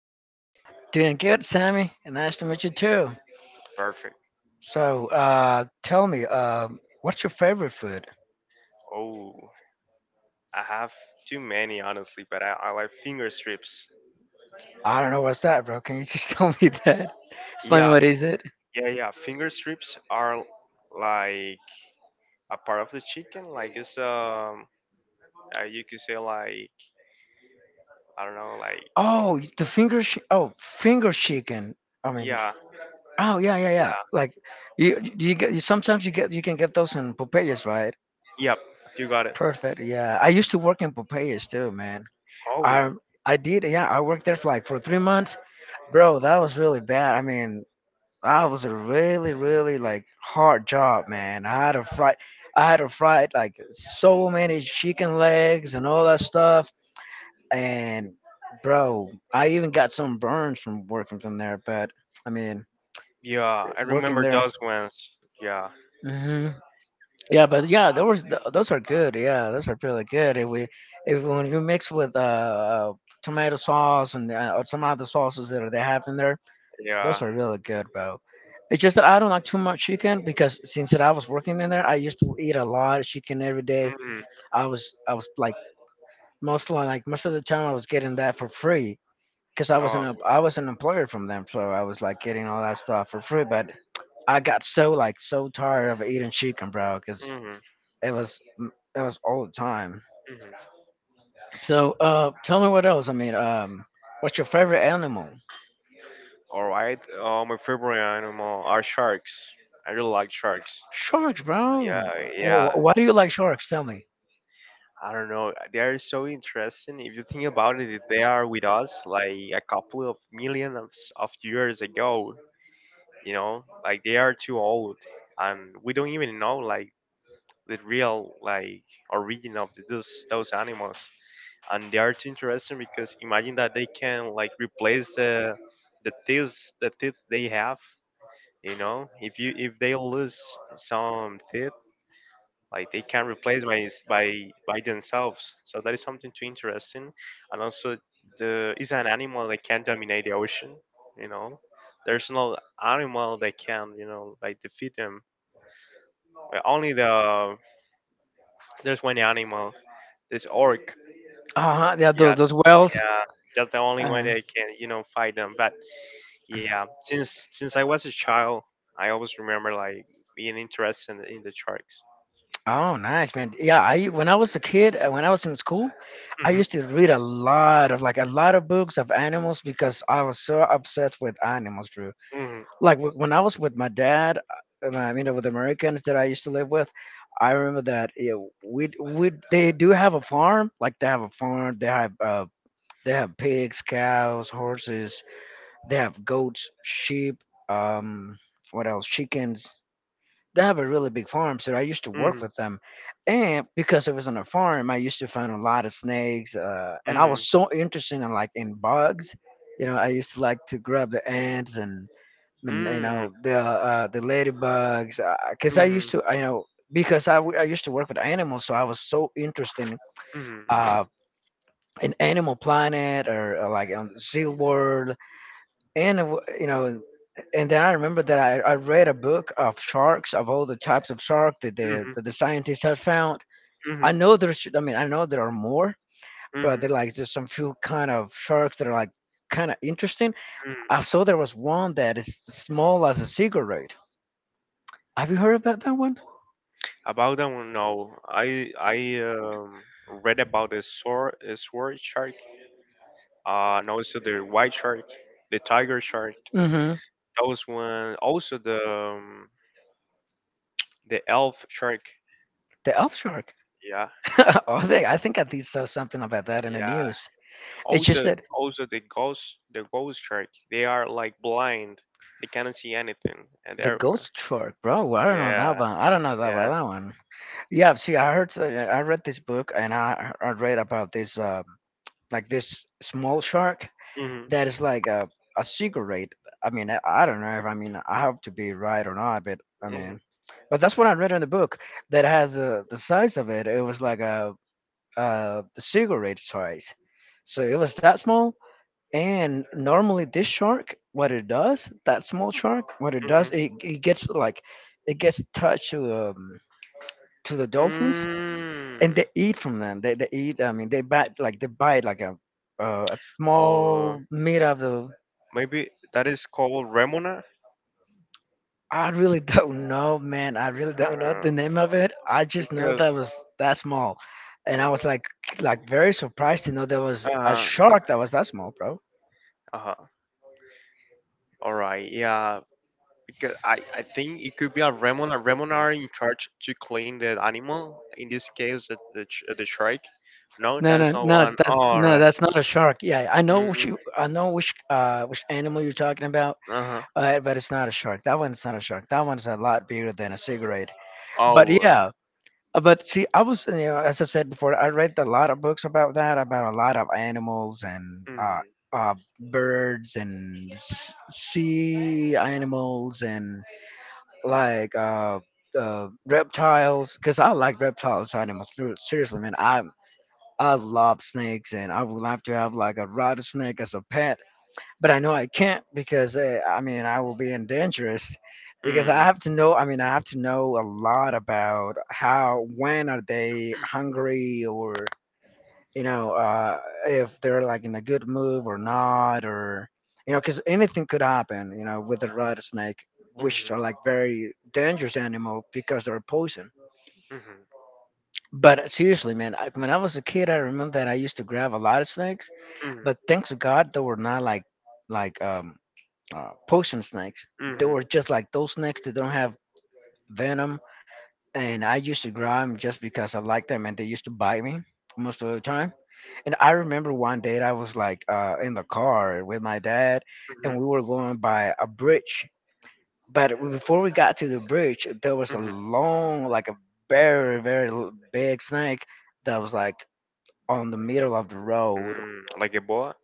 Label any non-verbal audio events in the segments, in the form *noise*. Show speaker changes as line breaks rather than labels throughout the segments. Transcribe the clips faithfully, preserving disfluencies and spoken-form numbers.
doing?
Doing good, Sammy. And nice to meet you too.
Perfect.
So, uh, tell me, uh, what's your favorite food?
Oh, I have too many honestly, but I, I like finger strips.
I don't know what's that, bro. Can you just *laughs* tell me that? Explain
Yeah,
what is it?
yeah, yeah. Finger strips are like a part of the chicken. Like it's um, uh, you could say like I don't know, like
Oh, the finger. Sh- oh, finger chicken. I mean,
yeah,
oh yeah, yeah, yeah.
yeah,
Like, you do you get you, sometimes you get you can get those in Popeyes, right?
yep. You got it.
Perfect. Yeah, I used to work in Popeyes too, man.
Oh,
I I did. Yeah, I worked there for like for three months, bro. That was really bad. I mean, I was a really, really like hard job, man. I had to fry, I had to fry like so many chicken legs and all that stuff. And bro, I even got some burns from working from there. But I mean,
yeah. I
working
remember
there.
those ones. Yeah,
hmm Yeah, but yeah, those those are good. Yeah, those are really good. If we if when you mix with uh, uh tomato sauce and uh, or some other sauces that they have in there, those
yeah.
are really good, bro. It's just that I don't like too much chicken because since that I was working in there, I used to eat a lot of chicken every day.
Mm-hmm.
I was I was like most li- like most of the time I was getting that for free because I was an
Oh,
em- I was an employer from them, so I was like getting all that stuff for free. But I got so like so tired of eating chicken, bro, because
mm-hmm.
it was mm, it was all the time.
Mm-hmm.
So uh, tell me what else. I mean, um, what's your favorite animal?
All right. Uh, my favorite animal are sharks. I really like sharks.
Sharks,
Yeah,
bro.
yeah.
What, why do you like sharks? Tell me.
I don't know. They are so interesting. If you think about it, they are with us like a couple of millions of, s- of years ago. You know, like they are too old, and we don't even know like the real like origin of the, those those animals. And they are too interesting because imagine that they can like replace the the teeth the teeth they have. You know, if you if they lose some teeth, like they can replace by by by themselves. So that is something too interesting, and also the is an animal that can dominate the ocean. You know, there's no animal that can you know like defeat them. Uh, Only the there's one animal, this orc.
Uh huh. Yeah, those
Yeah,
those whales.
yeah, that's the only
Uh,
one that can you know fight them. But yeah, since since I was a child, I always remember like being interested in, in the sharks.
oh, nice, man. Yeah, I when I was a kid, uh, when I was in school, I
Hmm
used to read a lot of like a lot of books of animals because I was so obsessed with animals, Drew. Like wh- when I was with my dad, uh, I mean, with Americans that I used to live with, I remember that yeah, we we they do have a farm, like they have a farm, they have uh, they have pigs, cows, horses. They have goats, sheep. Um, what else? Chickens. They have a really big farm, so I used to work
hmm
with them. And because it was on a farm, I used to find a lot of snakes. Uh, and I
hmm
was so interested in like in bugs. You know, I used to like to grab the ants and, and you
hmm
know the uh, the ladybugs. Because I used
Mhm.
to, you know, because I, w- I used to work with animals, so I was so interested
Mhm.
uh, in Animal Planet or, uh like on Seal World and it wa- you know, and then I remember that i, I read a book of sharks of all the types of shark that the
Mhm.
that the scientists have found. I
Mhm.
know there's I mean I know there are more, but
Mhm.
they're like there's some few kind of sharks that are like kind of interesting. I
Mm.
saw there was one that is small as a cigarette. Have you heard about that one?
About that one, no. I I um, read about a sword a sword shark. Uh, and also the white shark, the tiger shark.
Mm-hmm.
That was one. Also the um, the elf shark.
The elf shark.
Yeah,
*laughs* I, was like, I think i did saw something about that in the
yeah.
news. It's just
Also
that
also the ghost the ghost shark. They are like blind. They cannot see anything and
the
everywhere.
Ghost Shark, bro. I don't know that
Yeah,
one. I don't know that
yeah.
about that one. Yeah, see, I heard, uh, I read this book and I, I read about this, uh, like this small shark
Mhm.
that is like a, a cigarette. I mean, I, I don't know if I mean I have to be right or not, but I
Mhm.
mean, but that's what I read in the book that has uh, the size of it. It was like a, uh, the cigarette size. So it was that small, and normally this shark, what it does, that small shark, what it
hmm
does, it, it gets like it gets attached to um to the dolphins, and
Mm.
they eat from them. They they eat I mean they bite like they bite like a uh, a
Or
small meat of the.
maybe that is called remona.
I really *laughs* don't know, man. I really don't know
Uh,
the name of it. I just know that
because,
was that small. And I was like like very surprised to know there was a
uh,
shark that was that small, bro.
uh, all right, yeah. Because I, I think it could be a remona. Remona are in charge to clean the animal. In this case, the, the, sh- the shrike. No,
No,
that is
no,
not
no.
one.
That's
All
no,
right.
that's not a shark. Yeah, I know which
Mm,
you, I know which uh which animal you're talking about,
uh-huh.
uh, but it's not a shark. That one's not a shark. That one's a lot bigger than a cigarette. But
Oh. uh,
yeah, uh, but see, I was, you know, as I said before, I read a lot of books about that, about a lot of animals and uh
Mm,
uh birds and s- sea animals and like uh. Uh, reptiles, because I like reptiles, animals. ser- Seriously, man, I I love snakes and I would love to have like a rattlesnake as a pet, but I know I can't because uh, I mean I will be in dangerous because I
mm,
have to know I mean I have to know a lot about how when are they hungry or you know uh if they're like in a good mood or not, or you know cuz anything could happen, you know, with a rattlesnake,
mm,
which are like very dangerous animal because they're poison.
mm,
But uh, seriously, man, I, when I was a kid, I remember that I used to grab a lot of snakes.
mm.
But thanks to God, they were not like like um, uh, potion snakes. They
Mhm.
were just like those snakes that don't have venom. And I used to grab them just because I liked them, and they used to bite me most of the time. And I remember one day I was like uh, in the car with my dad, and
Mhm.
we were going by a bridge. But before we got to the bridge, there was a
Mhm.
long, like a very, very l- big snake that was like on the middle of the road.
Mm, like a boa?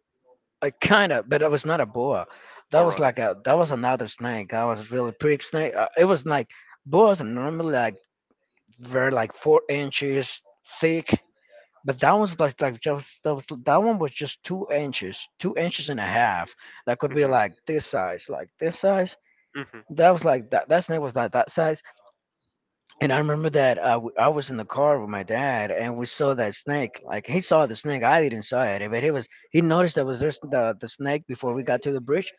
I kind of, but it was not a boa. That
All
was
right.
like a that was another snake. I was really pretty snake. Uh, it was like boas are normally like very like four inches thick, but that was like like just that was that one was just two inches, two inches and a half. That could be
Mhm.
like this size, like this size.
Mhm. Mhm.
That was like that. That snake was like that size. And I remember that uh, w- I was in the car with my dad, and we saw that snake. Like he saw the snake, I didn't saw it, but he was he noticed that was there's the the snake before we got to the bridge,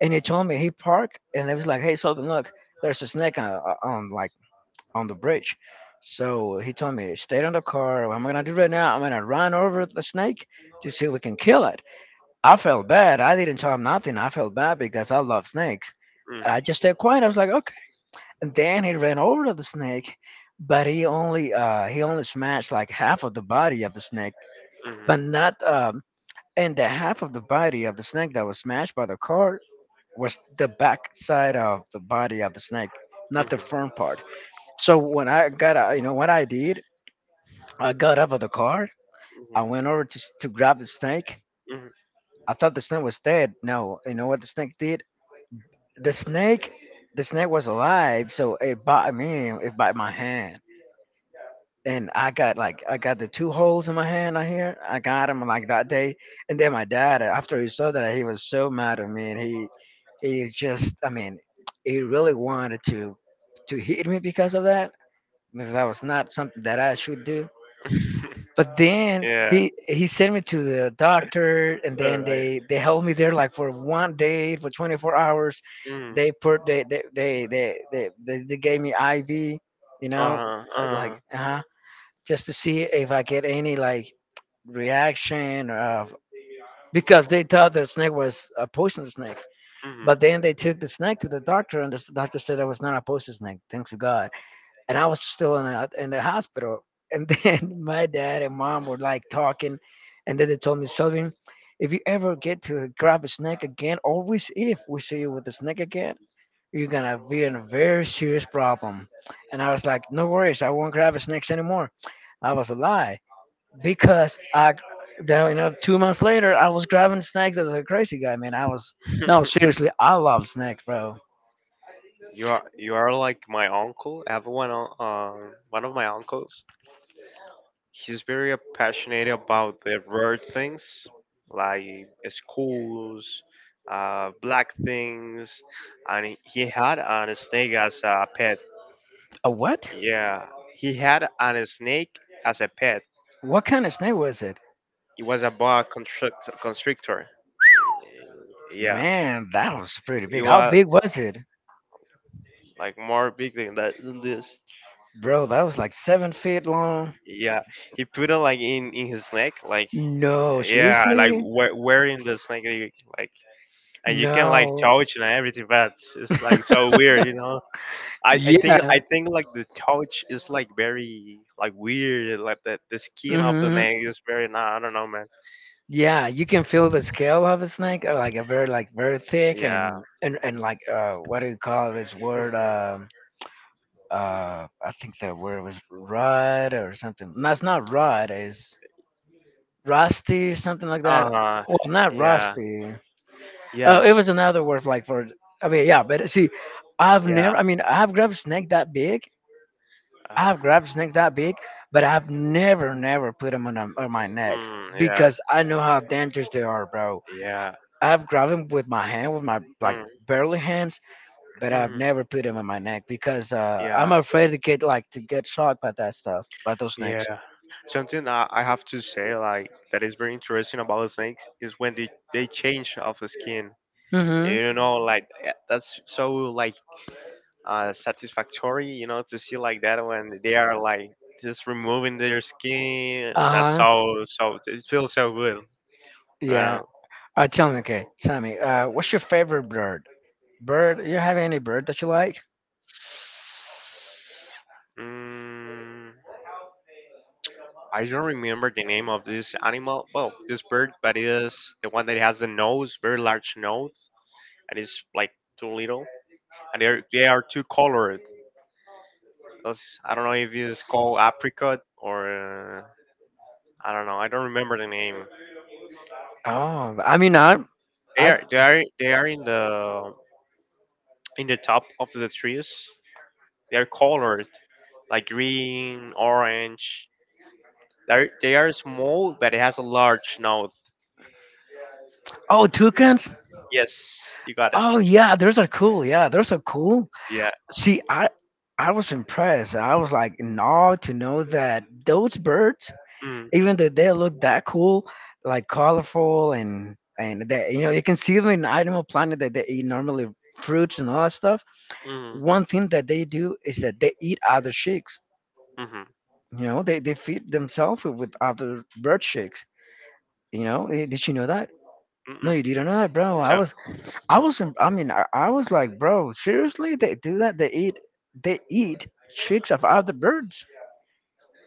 and he told me he parked, and it was like, hey, Sultan, look, there's a snake on, uh, on like on the bridge. So he told me, stay on the car. What I'm gonna do right now, I'm gonna run over the snake to see if we can kill it. I felt bad. I didn't tell him nothing. I felt bad because I love snakes. I just stayed quiet. I was like, "Okay." And then he ran over to the snake, but he only uh, he only smashed like half of the body of the snake,
Mhm.
but not um, and the half of the body of the snake that was smashed by the car was the back side of the body of the snake, not the
Mhm.
front part. So when I got out- you know what I did, I got out of the car,
Mhm.
I went over to to grab the snake.
Mhm.
I thought the snake was dead. No, you know what the snake did? The snake, the snake was alive, so it bit me, it bit my hand, and I got like I got the two holes in my hand. I hear I got him like that day, and then my dad after he saw that he was so mad at me, and he he just I mean he really wanted to to hit me because of that, because that was not something that I should do.
*laughs*
But then
yeah.
he he sent me to the doctor, and
All
then
right.
they they held me there like for one day for twenty-four hours.
Mhm.
They put they they they they they, they, they gave me I V, you know,
Uh,
I was like
uh,
uh just to see if I get any like reaction of because they thought the snake was a poison snake.
mhm.
But then they took the snake to the doctor, and the doctor said it was not a poison snake. Thanks to God. And I was still in the, in the hospital. And then *laughs* my dad and mom were like talking, and then they told me, Sylvian, if you ever get to grab a snake again, always if we see you with a snake again, you're gonna be in a very serious problem. And I was like, no worries, I won't grab snakes anymore. I was a lie because I, then, you know, two months later, I was grabbing snacks as a crazy guy, man. I was, no, seriously,
*laughs*
I love snacks, bro.
you are you are like my uncle. I have one un- uh, um, one of my uncles. He's very passionate about the rare things like schools, uh, black things, and he he had a snake as a pet.
A what?
Yeah, he had a snake as a pet.
What kind of snake was it?
It was a boa constrict- constrictor. Yeah,
Man, that was pretty
it
big. How
was
big was it?
like more big than that than this.
Bro, that was like seven feet long.
Yeah, he put it like in in his neck, like
No,
yeah, like
seriously?
wear, wearing the snake, you- like and you can like
No.
touch and everything, but it's it's, like so weird, you know.
*laughs*
I,
I
I think
yeah.
I think like the touch is like very like weird, like the the skin of the
hmm
neck is very nah, I don't know, man.
Yeah, you can feel the scale of a snake, uh, like a very, like very thick
Yeah.
and and and like uh, what do you call this word?
hmm
Um, uh, I think the word was rod or something. No, it's not rod. It's rusty, something like that.
Uh huh.
Well, not
Yeah.
rusty. Oh, it
Yes.
was another word like for. I mean, yeah, but see, I've never.
Yeah.
I mean, I've grabbed a snake that big,
Uh,
I've grabbed snake that big, but I've never, never put them on, um, on my neck
mm, yeah.
because I know how dangerous they are, bro.
Yeah.
I've grabbed them with my hand, with my like
Mm,
barely hands, but I've
mm,
never put them on my neck because uh, I'm
yeah.
afraid to get like to get shocked by that stuff, by those snakes.
Yeah. Something I, I have to say, like, that is very interesting about the snakes is when they, they change of the skin.
Hmm
You know, like, eh, that's so, like, uh, satisfactory, you know, to see like that when they are, like, just removing their skin. That's
Uh huh.
so, so, it feels so good. Uh,
Yeah. Uh, tell me, okay, Sammy, uh, what's your favorite bird? Bird? You have any bird that you like?
mm, I don't remember the name of this animal, well, this bird, but it is the one that has the nose, very large nose, and it's, like, too little and they are, they are too colored. Those- I don't know if it's called apricot or uh, I don't know. I don't remember the name.
Oh, I mean, I,
They
I.
are they are they are in the in the top of the trees. They are colored like green, orange. They are, they are small, but it has a large nose.
Oh, toucans.
Yes, you got it.
Oh yeah, those are cool. Yeah, those are cool.
Yeah.
See, I I was impressed. I was like in awe to know that those birds
Mm,
even though they look that cool, like colorful and and that you know you can see them in Animal Planet that they eat normally fruits and all that stuff.
mm,
One thing that they do is that they eat other chicks.
mm,
You know, they they feed themselves with other bird chicks. You know, Eh, did you know that?
mm,
No,
mm.
you didn't know that, bro. I
Chap-
was I was im- I mean I, I was like, bro, seriously, they do that? They eat they eat chicks of other birds.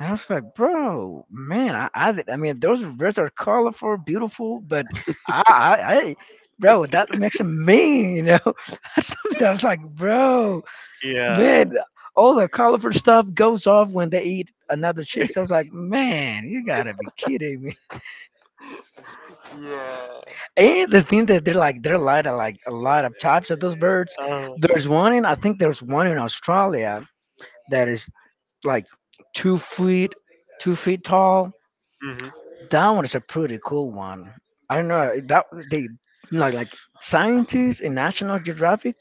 And I was like, bro, man, I, I, did- I mean, those reds are colorful, beautiful, but I, I, I bro, that makes them mean, you know. *laughs* That's something I was like, bro, man,
Yeah.
all the colorful stuff goes off when they eat another chick. So I was like, man, you gotta be kidding me. *laughs*
Yeah.
And the thing that they're like, they're light of like a lot of types of those birds.
Oh.
There's one in, I think there's one in Australia that is like two feet, two feet tall.
Mhm.
That one is a pretty cool one. I don't know that they like like scientists in National Geographic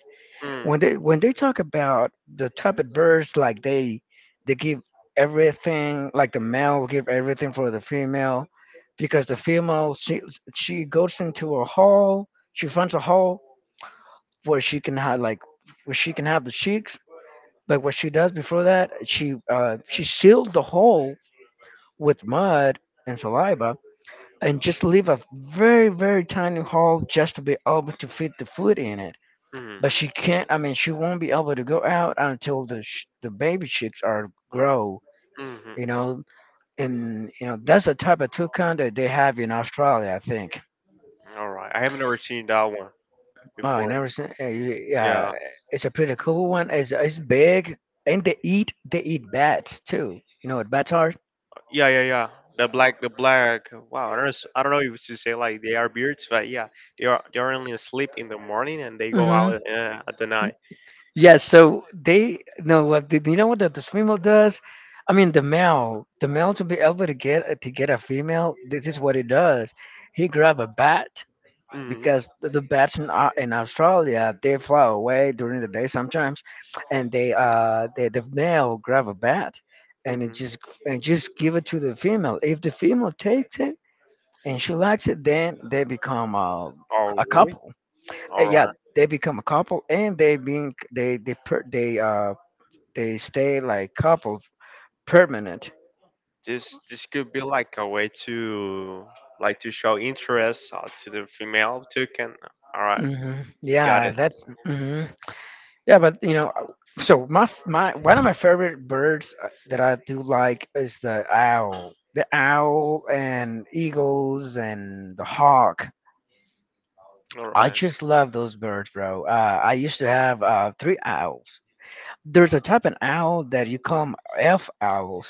when
Mm.
they when they talk about the type of birds like they they give everything, like the male give everything for the female, because the female, she she goes into a hole, she finds a hole where she can have like where she can have the chicks. But what she does before that, she uh she seals the hole with mud and saliva, and just leave a very, very tiny hole just to be able to fit the food in it.
Mhm.
But she can't, I mean she won't be able to go out until the sh- the baby chicks are grow,
Mhm.
you know. And you know, that's the type of toucan that they have in Australia, I think.
All right. I haven't ever seen that one
Oh, I
before.
never seen uh, yeah,
Yeah.
it's a pretty cool one. it's, it's big, and they eat they eat bats too. You know what bats are.
Yeah. Yeah. Yeah. The black. The black. Wow. I don't. S- I don't know if to say like they are birds, but yeah, they are. They are only asleep in the morning and they go
Mm-hmm.
out uh, at the night.
Yes, so they know what, did you know what the, the female does? I mean the male, the male, to be able to get to get a female, this is what he does. He grab a bat,
Mhm.
because the, the bats in, Au- in Australia they fly away during the day sometimes, and they uh they, the male grab a bat and it
Mhm.
just and just give it to the female. If the female takes it and she likes it, then they become a,
Oh
a
really?
couple. Uh,
All
yeah,
right.
they become a couple, and they being they they per, they uh they stay like couple permanent.
This this could be like a way to like to show interest uh, to the female toucan. All right,
Hmm
got
Yeah,
it.
that's hmm yeah, but you know, uh, so my f- my one of my favorite birds uh, that I do like is the owl, the owl and eagles and the hawk.
All
I
right.
just love those birds, bro. Uh, I used to have uh, three owls. There's a type of owl that you call 'em elf owls.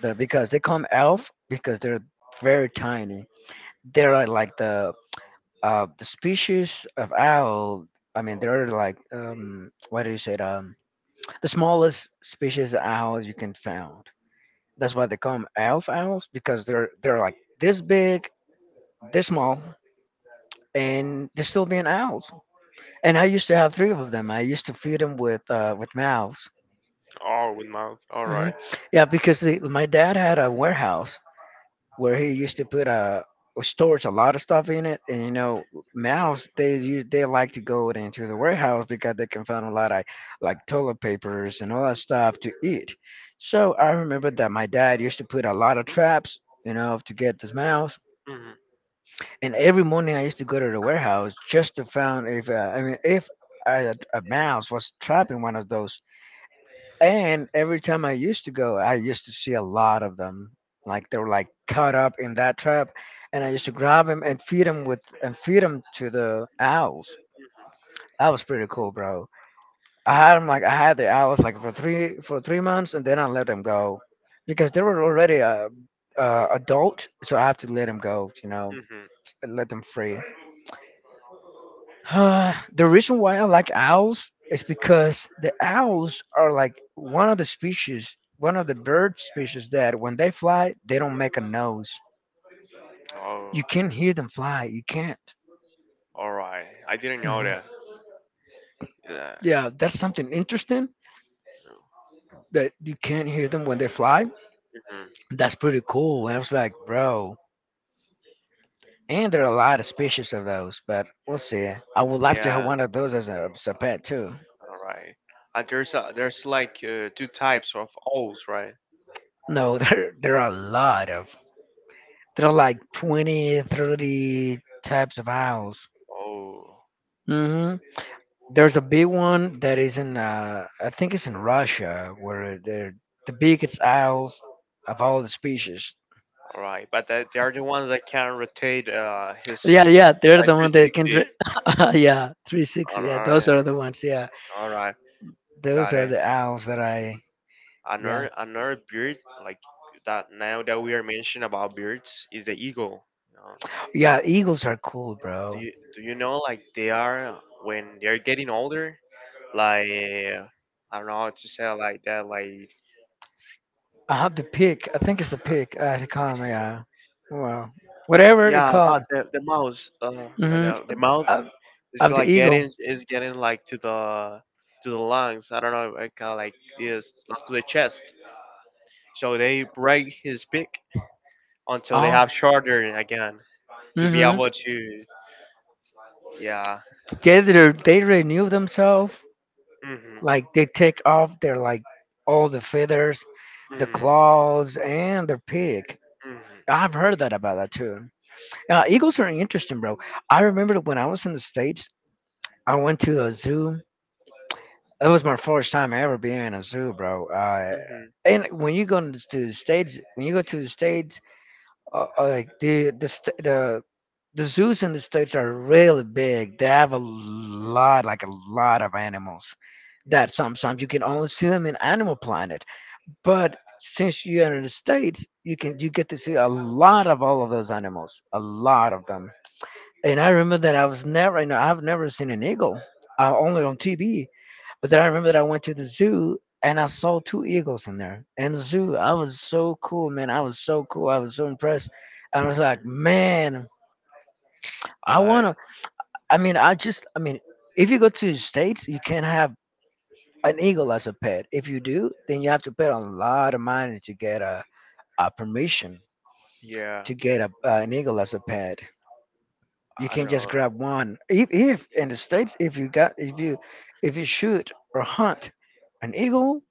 They're because they come elf because they're very tiny. They are like the uh the species of owl. I mean, they're like um what do you say? Um, the smallest species of owl you can found. That's why they call 'em elf owls because they're they're like this big, this small, and they're still being owls. And I used to have three of them. I used to feed them with uh with mouths.
Oh, with mouth. All
Hmm
right.
Yeah, because the, my dad had a warehouse where he used to put a stores a lot of stuff in it, and you know, mouse they use they like to go into the warehouse because they can find a lot of like toilet papers and all that stuff to eat. So I remember that my dad used to put a lot of traps, you know, to get this mouse.
Mhm.
And every morning I used to go to the warehouse just to find if uh, I mean if a, a mouse was trapped in one of those, and every time I used to go, I used to see a lot of them. Like they were like caught up in that trap, and I used to grab them and feed them with and feed them to the owls. That was pretty cool, bro. I had them like I had the owls like for three for three months, and then I let them go because they were already uh, uh, adult, so I have to let them go, you know,
Mhm.
and let them free. *sighs* Uh, the reason why I like owls is because the owls are like one of the species, one of the bird species that when they fly, they don't make a noise.
Oh,
You can't hear them fly. You can't.
all right. I didn't know
Mhm.
that. Yeah.
Yeah, that's something interesting that you can't hear them when they fly.
Mhm.
That's pretty cool. And I was like, bro. And there are a lot of species of those, but we'll see. I would like to have
Yeah.
one of those as a, as a pet too.
All right. Uh, there's uh, there's like uh, two types of O's, right?
No, *laughs* there there are a lot of. There are like twenty, thirty types of owls.
Oh.
Hmm There's a big one that is in, uh, I think it's in Russia, where they're the biggest owls of all the species.
All right, but that, they are the ones that can rotate uh, his
Yeah, yeah, they're
by
the one that can.
three sixty.
Dri- *laughs* yeah,
All
three sixty. Yeah,
right,
those are
um,
the ones. Yeah,
all right,
those
got
are
it.
the owls that I, yeah,
Another another bird like that now that we are mentioning about birds is the eagle. You know,
yeah.
It-
Eagles are cool,
do
bro.
you, do you know like they are when they are getting older? Like I don't know how to say it like that. Like
I have the pig. I think it's the
uh,
pig. Uh, it come, yeah. Well, whatever it
yeah, about
come.
the the mouse. Uh, right
Hmm
now, the mouth.
Of,
It's
of the
like
eagle.
getting it's getting like to the to the lungs. I don't know, like kinda like this like to the chest. So they break his beak until they
Oh.
have shorter again to be
hmm
able to yeah.
They re- they renew themselves.
Mhm.
Like they take off their like all the feathers, the
Mhm.
claws, and their pig.
Mhm.
I've heard that about that too. Uh, eagles are interesting, bro. I remember when I was in the states. I went to a zoo. It was my first time ever being in a zoo, bro. Uh,
Mhm.
and when you go to the states, when you go to the states, uh, uh, like the the st- the the zoos in the states are really big. They have a lot, like a lot of animals. That sometimes you can only see them in Animal Planet, but since you're in the states, you can you get to see a lot of all of those animals, a lot of them. And I remember that I was never, you know, I've never seen an eagle, uh, only on T V. But then I remember that I went to the zoo and I saw two eagles in there. And the zoo, I was so cool, man. I was so cool. I was so impressed. I was like,
Mhm.
man, I
Uh
wanna. I mean, I just, I mean, if you go to the states, you can't have an eagle as a pet. If you do, then you have to pay a lot of money to get a, a permission
yeah.
to get a, uh, an eagle as a pet. You
I don't
can't just
know.
grab one. If, if in the states, if you got if you if you shoot or hunt an eagle,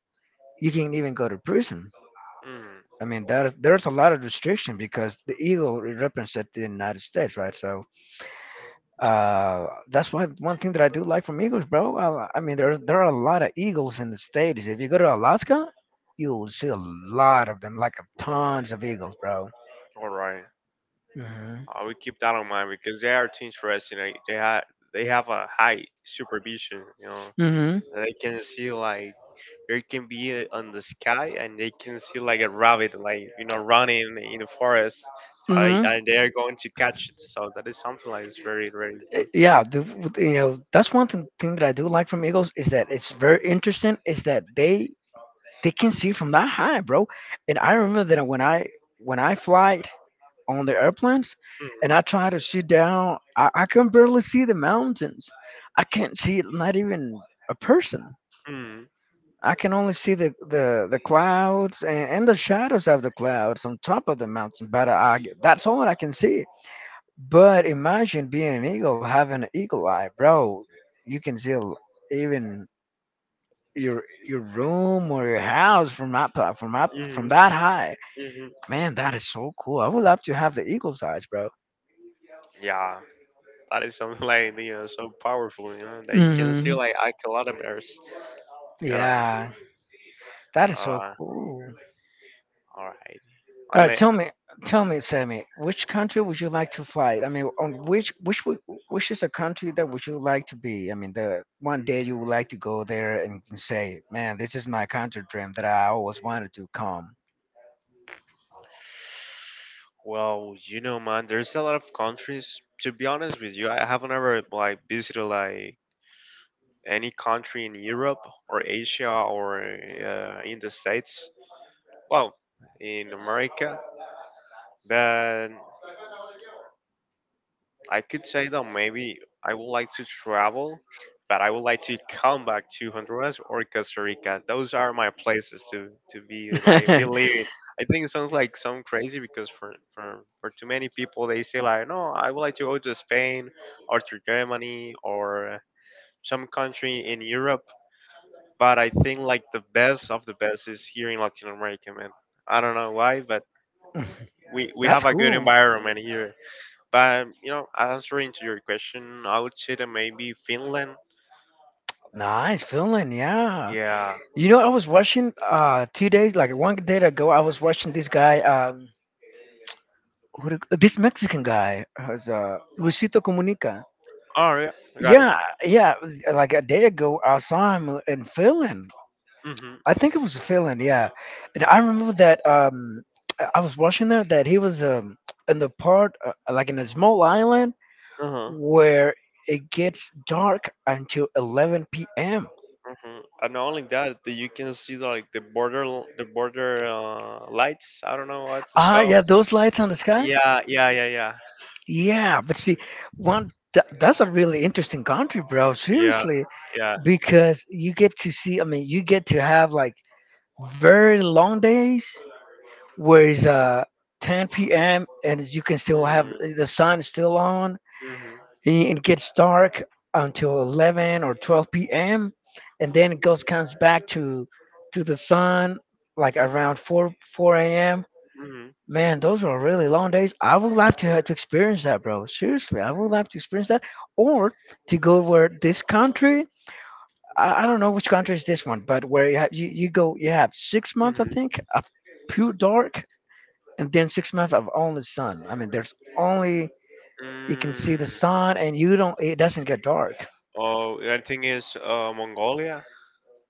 you can even go to prison.
Mm.
I mean, that is, there's a lot of restriction because the eagle represents the United States, right? So uh, that's one one thing that I do like from eagles, bro. I, I mean, there there are a lot of eagles in the States. If you go to Alaska, you will see a lot of them, like tons of eagles, bro.
All right,
Hmm.
I will keep that in mind because they are too interesting. Like, they have they have a high supervision. You know,
Hmm.
they can see like they can be uh, on the sky and they can see like a rabbit, like you know, running in the forest. I,
Hmm.
and they are going to catch it. So that is something like it's very very
Uh,
good.
Yeah, the, w- you know that's one thing, thing that I do like from eagles, is that it's very interesting. Is that they they can see from that high, bro. And I remember that when I when I flight on the airplanes, and I
Mm,
try to sit down, I, I can barely see the mountains. I can't see not even a person.
mm.
I can only see the the, the clouds and, and the shadows of the clouds on top of the mountain, but I that's all I can see. But imagine being an eagle, having an eagle eye, bro. You can see l- even your your room or your house from up uh, from up
hmm
from that high.
hmm
Man, that is so cool. I would love to have the eagle's eyes, bro.
Yeah, that is something *laughs* like you know so powerful. You know that you can see
Hmm.
like a kilometers. You know.
Yeah, that is so
Uh,
cool.
all right.
All right,
Only.
tell me, tell me, Sammy, which country would you like to fly? I mean, on which which would, which is a country that would you like to be? I mean, the one day you would like to go there and, and say, "Man, this is my country dream that I always wanted to come."
Well, you know, man, there's a lot of countries. To be honest with you, I haven't ever like visited like any country in Europe or Asia or uh, in the States. Well, in America, but I could say that maybe I would like to travel, but I would like to come back to Honduras or Costa Rica. Those are my places to to be like be living. I think it sounds like some crazy because for for for too many people they say like no, I would like to go to Spain or to Germany or some country in Europe. But I think like the best of the best is here in Latin America, man. I don't know why, but we
*laughs*
we
That's
have a good
cool.
environment here. But you know, answering to your question, I would say that maybe Finland.
Nice feeling, yeah.
Yeah.
You know, I was watching uh two days, like one day ago, I was watching this guy. Um, Who the- this Mexican guy has uh, Luisito Comunica.
All right, I got it.
Yeah, yeah. Like a day ago, I saw him in Finland.
Mhm.
I think it was Finland. Yeah, and I remember that um, I I was watching there that he was um, in the part, uh, like in a small island
Uh-huh.
where it gets dark until eleven p m.
Mhm. And not only that, that you can see the, like the border, l- the border uh, lights. I don't know what it's
Ah,
called.
yeah, those lights on the sky.
Yeah, yeah, yeah, yeah,
Yeah, but see, one tha- that's a really interesting country, bro.
yeah,
Seriously,
yeah.
because you get to see. I mean, you get to have like very long days where it's uh ten p m and you can still have,
Mm,
the sun is still on,
mhm,
and it gets dark until eleven or twelve p m, and then it goes comes back to to the sun like around four four a m.
mhm,
Man, those are really long days. I would love to have to experience that, bro. Seriously, I would love to experience that, or to go where this country. I, I don't know which country is this one, but where you, have, you you go, you have six months, I
mhm,
think, of pure dark, and then six months of only sun. I mean, there's only you can see the
mm.
sun, and you don't. It doesn't get dark.
Oh, I think it's uh, Mongolia.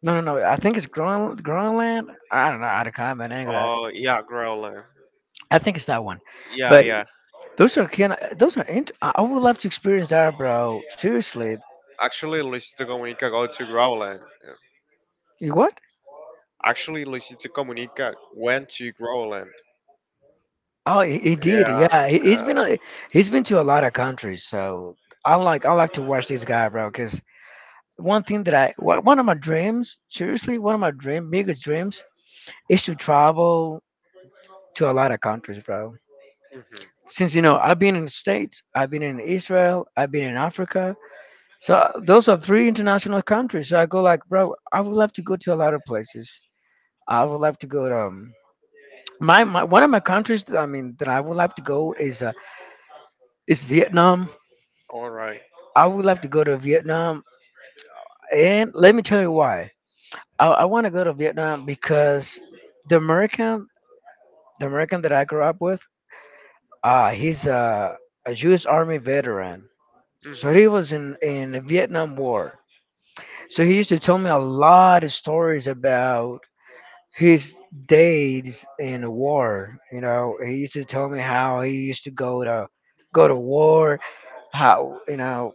No, no, no. I think it's Groen, Groenland. I don't know how to comment English. I
Oh, yeah, Growler.
I think it's that one.
Yeah,
But
yeah.
those are kind of, those are. Int- I I would love to experience that, bro. Seriously.
Actually, Luisito Comunica go to Growland. Yeah.
You what?
Actually, Luisito Comunica went to Growland.
Oh, he, he did.
Yeah.
Yeah, he, he's
Uh,
been a, he's been to a lot of countries. So I like I like to watch this guy, bro. Cause one thing that I one one of my dreams, seriously, one of my dream biggest dreams is to travel to a lot of countries, bro.
mhm.
Since you know I've been in the States, I've been in Israel, I've been in Africa. So those are three international countries. So I go like, bro, I would love to go to a lot of places. I would love to go to, um, my, my one of my countries. That, I mean, that I would love to go is uh, is Vietnam.
All right.
I would love to go to Vietnam, and let me tell you why. I, I want to go to Vietnam because the American, the American that I grew up with, uh, he's a, a U S. Army veteran,
Mhm.
so he was in in the Vietnam War. So he used to tell me a lot of stories about his days in the war. You know, he used to tell me how he used to go to go to war, how you know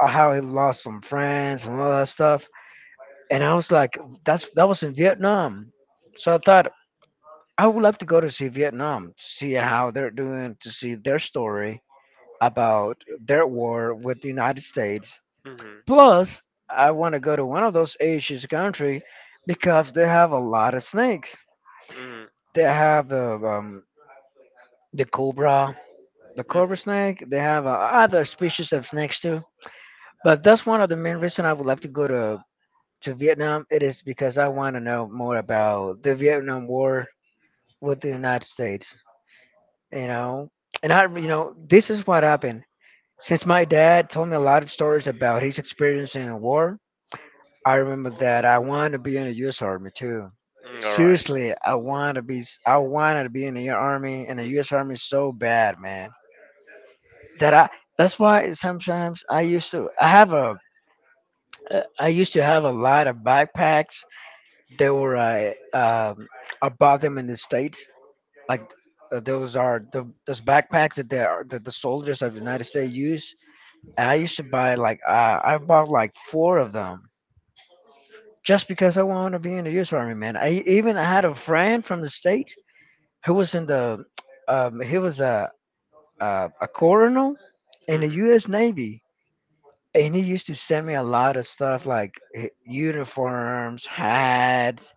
how he lost some friends and all that stuff, and I was like, that's that was in Vietnam. So I thought I would love to go to see Vietnam, to see how they're doing, to see their story about their war with the United States.
Mhm.
Plus, I want to go to one of those Asian country because they have a lot of snakes. They have the um, the cobra, the cobra
Mhm.
snake. They have, uh,
Mhm.
other species of snakes too. But that's one of the main reason I would love to go to to Vietnam. It is because I want to know more about the Vietnam War with the United States, you know. And I, you know, this is what happened. Since my dad told me a lot of stories about his experience in a war, I remember that I wanted to be in the U S. Army too.
Mm, all right.
Seriously, I want to be. I wanted to be in the army, in the U S. Army so bad, man. That I. That's why sometimes I used to. I have a. uh, I used to have a lot of backpacks. They were, uh, um, I bought them in the states like, uh, those are the those backpacks that they are that the soldiers of the United States use. And I used to buy like, uh, I bought like four of them just because I want to be in the U S. Army, man. I even I had a friend from the states who was in the um, he was a, a a colonel in the
Mm-hmm. Mm-hmm.
U S. Navy, and he used to send me a lot of stuff like, h- uniforms, hats.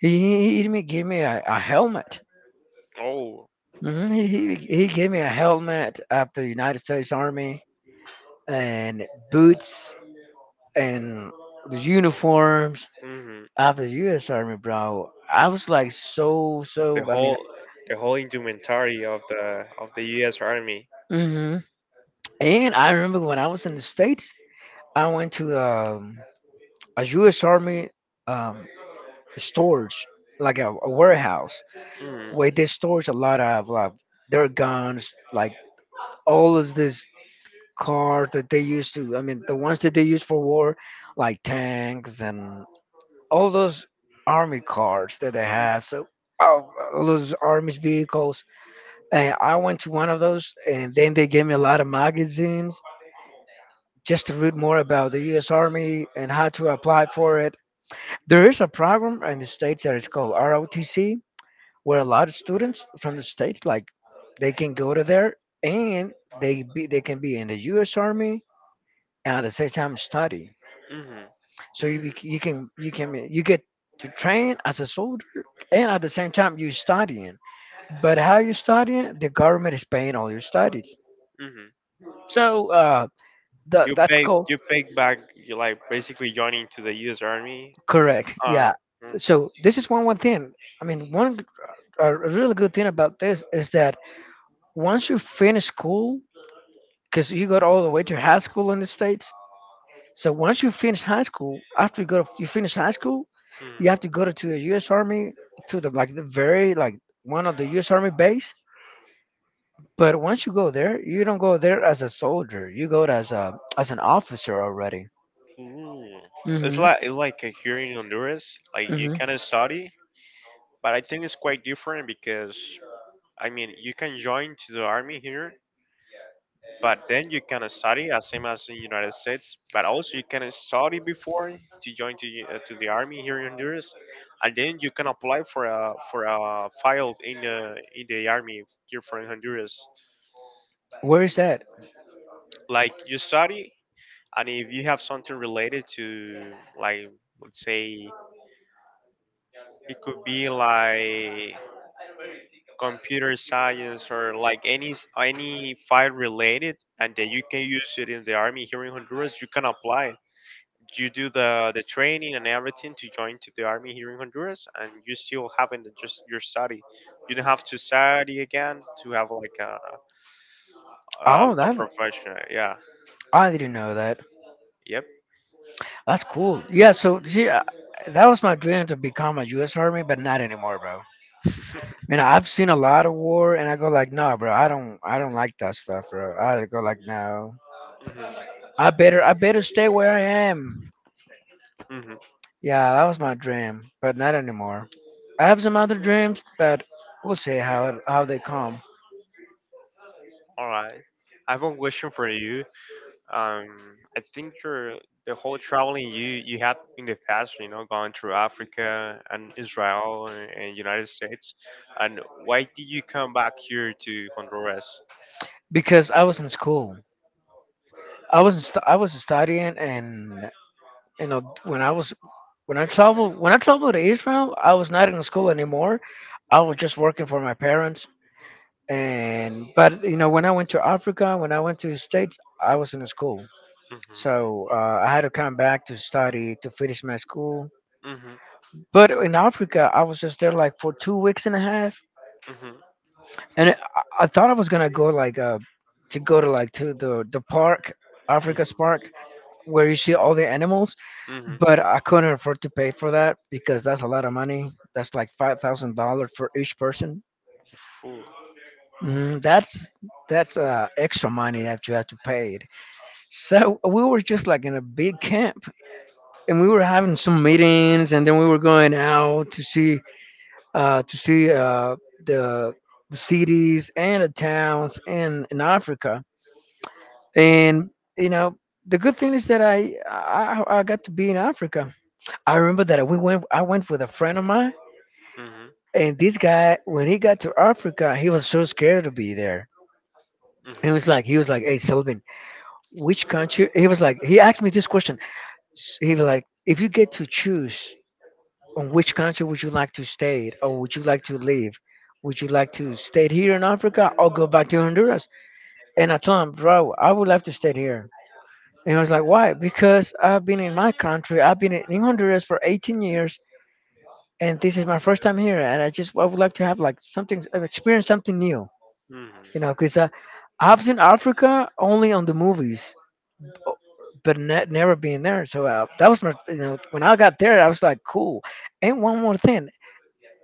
He, he he even gave me a, a helmet.
Oh.
Hmm. He, he he gave me a helmet of the United States Army, and boots, and the uniforms
Mm-hmm.
of the U S. Army, bro. I was like so
The
so. I mean,
whole the whole instrumentary of the of the U S. Army.
hmm, and I remember when I was in the states, I went to, um, a U S. Army, um, storage, like a, a warehouse,
Mm.
where they storage a lot of like their guns, like all of this cars that they used to I mean the ones that they use for war, like tanks and all those army cars that they have, so all all those army vehicles. And I went to one of those, and then they gave me a lot of magazines just to read more about the US Army and how to apply for it. There is a program in the states that is called ROTC where a lot of students from the states, like, they can go to there and they be, they can be in the US Army and at the same time study.
Mm-hmm.
So you
Mm-hmm.
bec- you can you can you get to train as a soldier and at the same time you studying. But how you studying? The government is paying all your studies.
Mm-hmm.
So, uh, that
You
that's
pay
cool.
you pay back you like basically joining to the U S. Army.
Correct.
Uh,
Yeah. So this is one one thing. I mean, one g- a really good thing about this is that once you finish school, because you go all the way to high school in the states. So once you finish high school, after you go to, you finish high school, you have
Mm-hmm.
to go to, to a U S. Army, to the like the very like one of the U S. Army base. But once you go there, you don't go there as a soldier. You go as a as an officer already.
Ooh. It's
Hmm.
like it's like uh, here in Honduras, like you
Hmm.
can study, but I think it's quite different because I mean you can join to the army here. But then you can study as same as in United States, but also you can study before to join to, uh, to the army here in Honduras, and then you can apply for a for a file in the in the army here for in Honduras.
Where is that?
Like you study, and if you have something related to like let's say it could be like computer science or like any s- any file related, and then you can use it in the army here in Honduras. You can apply you do the the training and everything to join to the army here in Honduras, and you still having the, just your study. You don't have to study again to have like a a,
Oh,
a
that
profession. Yeah.
I didn't know that.
Yep.
That's cool. Yeah, so see, uh, that was my dream to become a U S. Army, but not anymore, bro.
*laughs*
Man, I've seen a lot of war, and I go like, no, bro, I don't, I don't like that stuff, bro. I go like, no, I better, I better stay where I am.
hmm hmm
Yeah, that was my dream, but not anymore. I have some other dreams, but we'll see how it, how they come.
All right. I have one question for you. Um, I think your the whole traveling you you had in the past, you know, going through Africa and Israel and United States, and why did you come back here to Honduras?
Because I was in school, I was in stu- I was studying. And you know when I was when i traveled when I traveled to Israel, I was not in school anymore. I was just working for my parents, and but you know when I went to Africa, when I went to the states, I was in school.
Mhm.
So, uh, I had to come back to study to finish my school.
Mhm.
But in Africa I was just there like for two weeks and a half,
Mhm.
and i, I thought I was gonna go like, uh, to go to, like, to the the park,
Mhm.
Africa's park, where you see all the animals.
Mhm.
But I couldn't afford to pay for that because that's a lot of money. That's like five thousand dollars for each person.
Food.
Mm, that's that's uh, extra money that you have to pay. So we were just like in a big camp, and we were having some meetings, and then we were going out to see uh, to see uh, the the cities and the towns in in Africa. And you know, the good thing is that I I, I got to be in Africa. I remember that we went. I went with a friend of mine.
Mhm.
And this guy, when he got to Africa, he was so scared to be there. He
Mhm.
was like, he was like, hey, Sylvan, which country? He was like, he asked me this question. S- He was like, if you get to choose on which country would you like to stay, or would you like to leave? Would you like to stay here in Africa or go back to Honduras? And I told him, bro, I would love to stay here. And I was like, why? Because I've been in my country. I've been in in Honduras for eighteen years, and this is my first time here. And I just, I would love to have like something, experience something new.
Mhm.
You know, because I, I've seen Africa only on the movies, o- but ne- never been there. So uh, that was my, you know, when I got there, I was like, cool. And one more thing,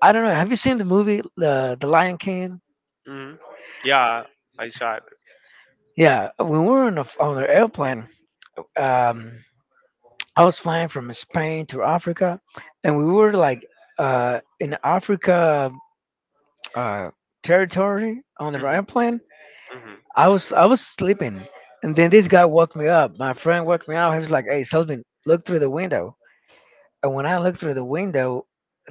I don't know. Have you seen the movie uh, The Lion King?
Mhm. Yeah, I saw it.
Yeah, when we were on, a, on an airplane, um, I was flying from Spain to Africa, and we were like uh, in Africa uh, territory on the
Mhm.
airplane.
Mhm.
I was I was sleeping, and then this guy woke me up. My friend woke me up. He was like, "Hey, Sultan, look through the window." And when I looked through the window,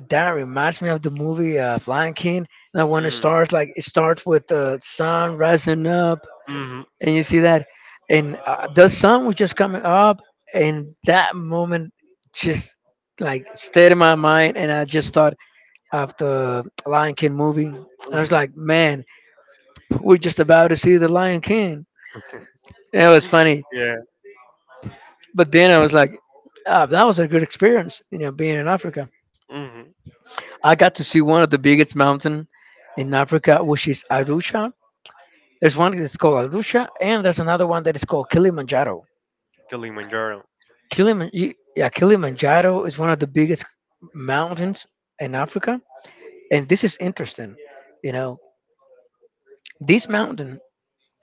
that reminds me of the movie uh, Lion King. And when it
Mhm.
starts, like it starts with the sun rising up,
Mhm.
and you see that, and uh, the sun was just coming up, and that moment just like stayed in my mind, and I just thought of the Lion King movie. I was
Mhm.
like, "Man, we're just about to see the Lion King." And it was funny.
Yeah.
But then I was like, ah, that was a good experience, you know, being in Africa.
Mhm.
I got to see one of the biggest mountain in Africa, which is Arusha. There's one that's called Arusha, and there's another one that is called Kilimanjaro.
The Kilimanjaro.
Kiliman, y- yeah, Kilimanjaro is one of the biggest mountains in Africa, and this is interesting. You know, this mountain,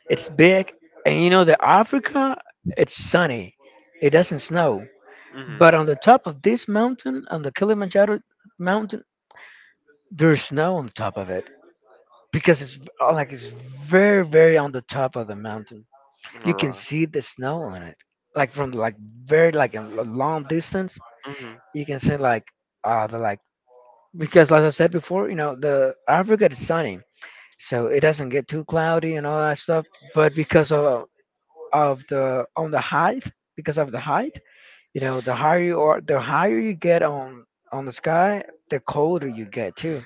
it's big, and you know that Africa, it's sunny, it doesn't snow.
Mm-hmm.
But on the top of this mountain, on the Kilimanjaro mountain, there's snow on top of it because it's v- uh, like it's very, very on the top of the mountain.
All
You can
right.
see the snow on it, like from like very like a l- long distance.
Mm-hmm.
You can see like uh the like because like I said before, you know the Africa is sunny, so it doesn't get too cloudy and all that stuff. But because of of the on the height, because of the height, you know the higher you are, the higher you get on on the sky, the colder you get too.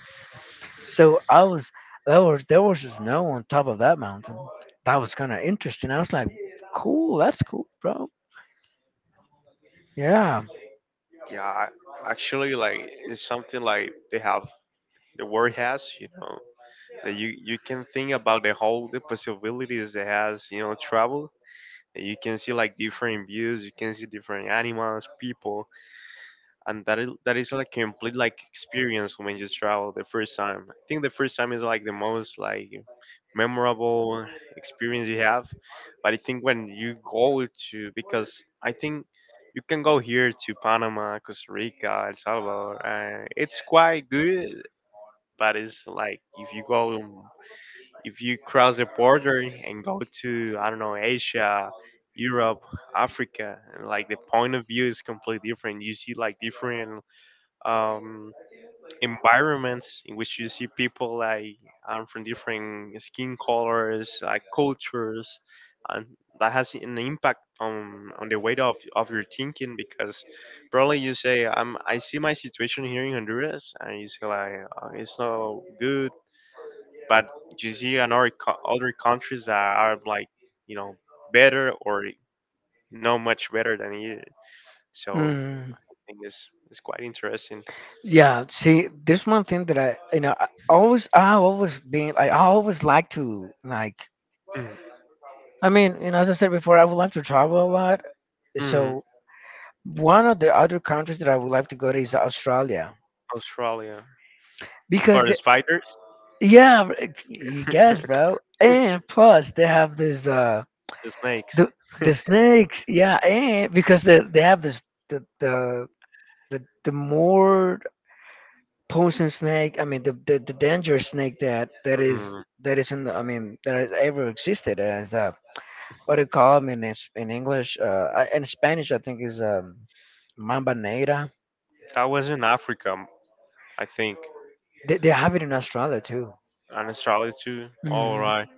So I was there was there was just snow on top of that mountain. That was kind of interesting. I was like, cool, that's cool, bro. Yeah.
Yeah, I- actually, like it's something like they have the world has, you know, that you you can think about the whole the possibilities it has, you know, travel. And you can see like different views. You can see different animals, people. And that is that is like complete like experience when you travel the first time. I think the first time is like the most like memorable experience you have. But I think when you go to because I think you can go here to Panama, Costa Rica, El Salvador. Uh, it's quite good, but it's like if you go if you cross the border and go to I don't know Asia. Europe, Africa, and like the point of view is completely different. You see like different um, environments in which you see people like um, from different skin colors, like cultures, and that has an impact on on the way of of your thinking because probably you say um I see my situation here in Honduras and you say like uh, it's not good, but you see another co- other countries that are like you know better or not much better than you. So
Mm,
I think it's it's quite interesting.
yeah. See, there's one thing that I you know I always I always been I always like to like,
Mhm.
I mean, you know, as I said before, I would like to travel a lot.
Mhm.
So one of the other countries that I would like to go to is Australia,
Australia.
because
For the
the,
spiders,
yeah, br- it's- you guess, bro. And plus, they have this uh
the snakes.
the the snakes, yeah, and because they they have this the the the, the more poison snake, I mean the, the the dangerous snake that that is
Hmm.
that is in the, I mean that has ever existed, as the, what do you call 'em in es- in English, uh I- in Spanish I think is um mamba negra.
That was in Africa, I think.
They they have it in Australia too.
And Australia too. All
Mhm.
right.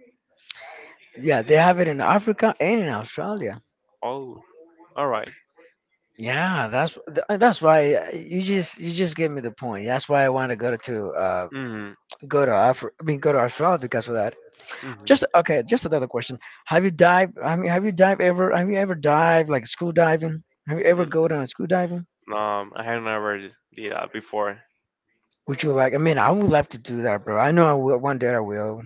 Yeah, they have it in Africa and in Australia.
Oh, all right.
Yeah, that's th- uh, that's why uh, you just you just gave me the point. That's why I want to go to to, uh
Mm.
go to Afri- I mean go to Australia because of that.
Mm-hmm.
Just okay, just another question. Have you dived? I mean, have you dived ever? Have you ever dived like school diving? Have you ever go down school diving?
Mm. Um, I have never did that before.
Would you like? I mean, I would love to do that, bro. I know I will. One day I will.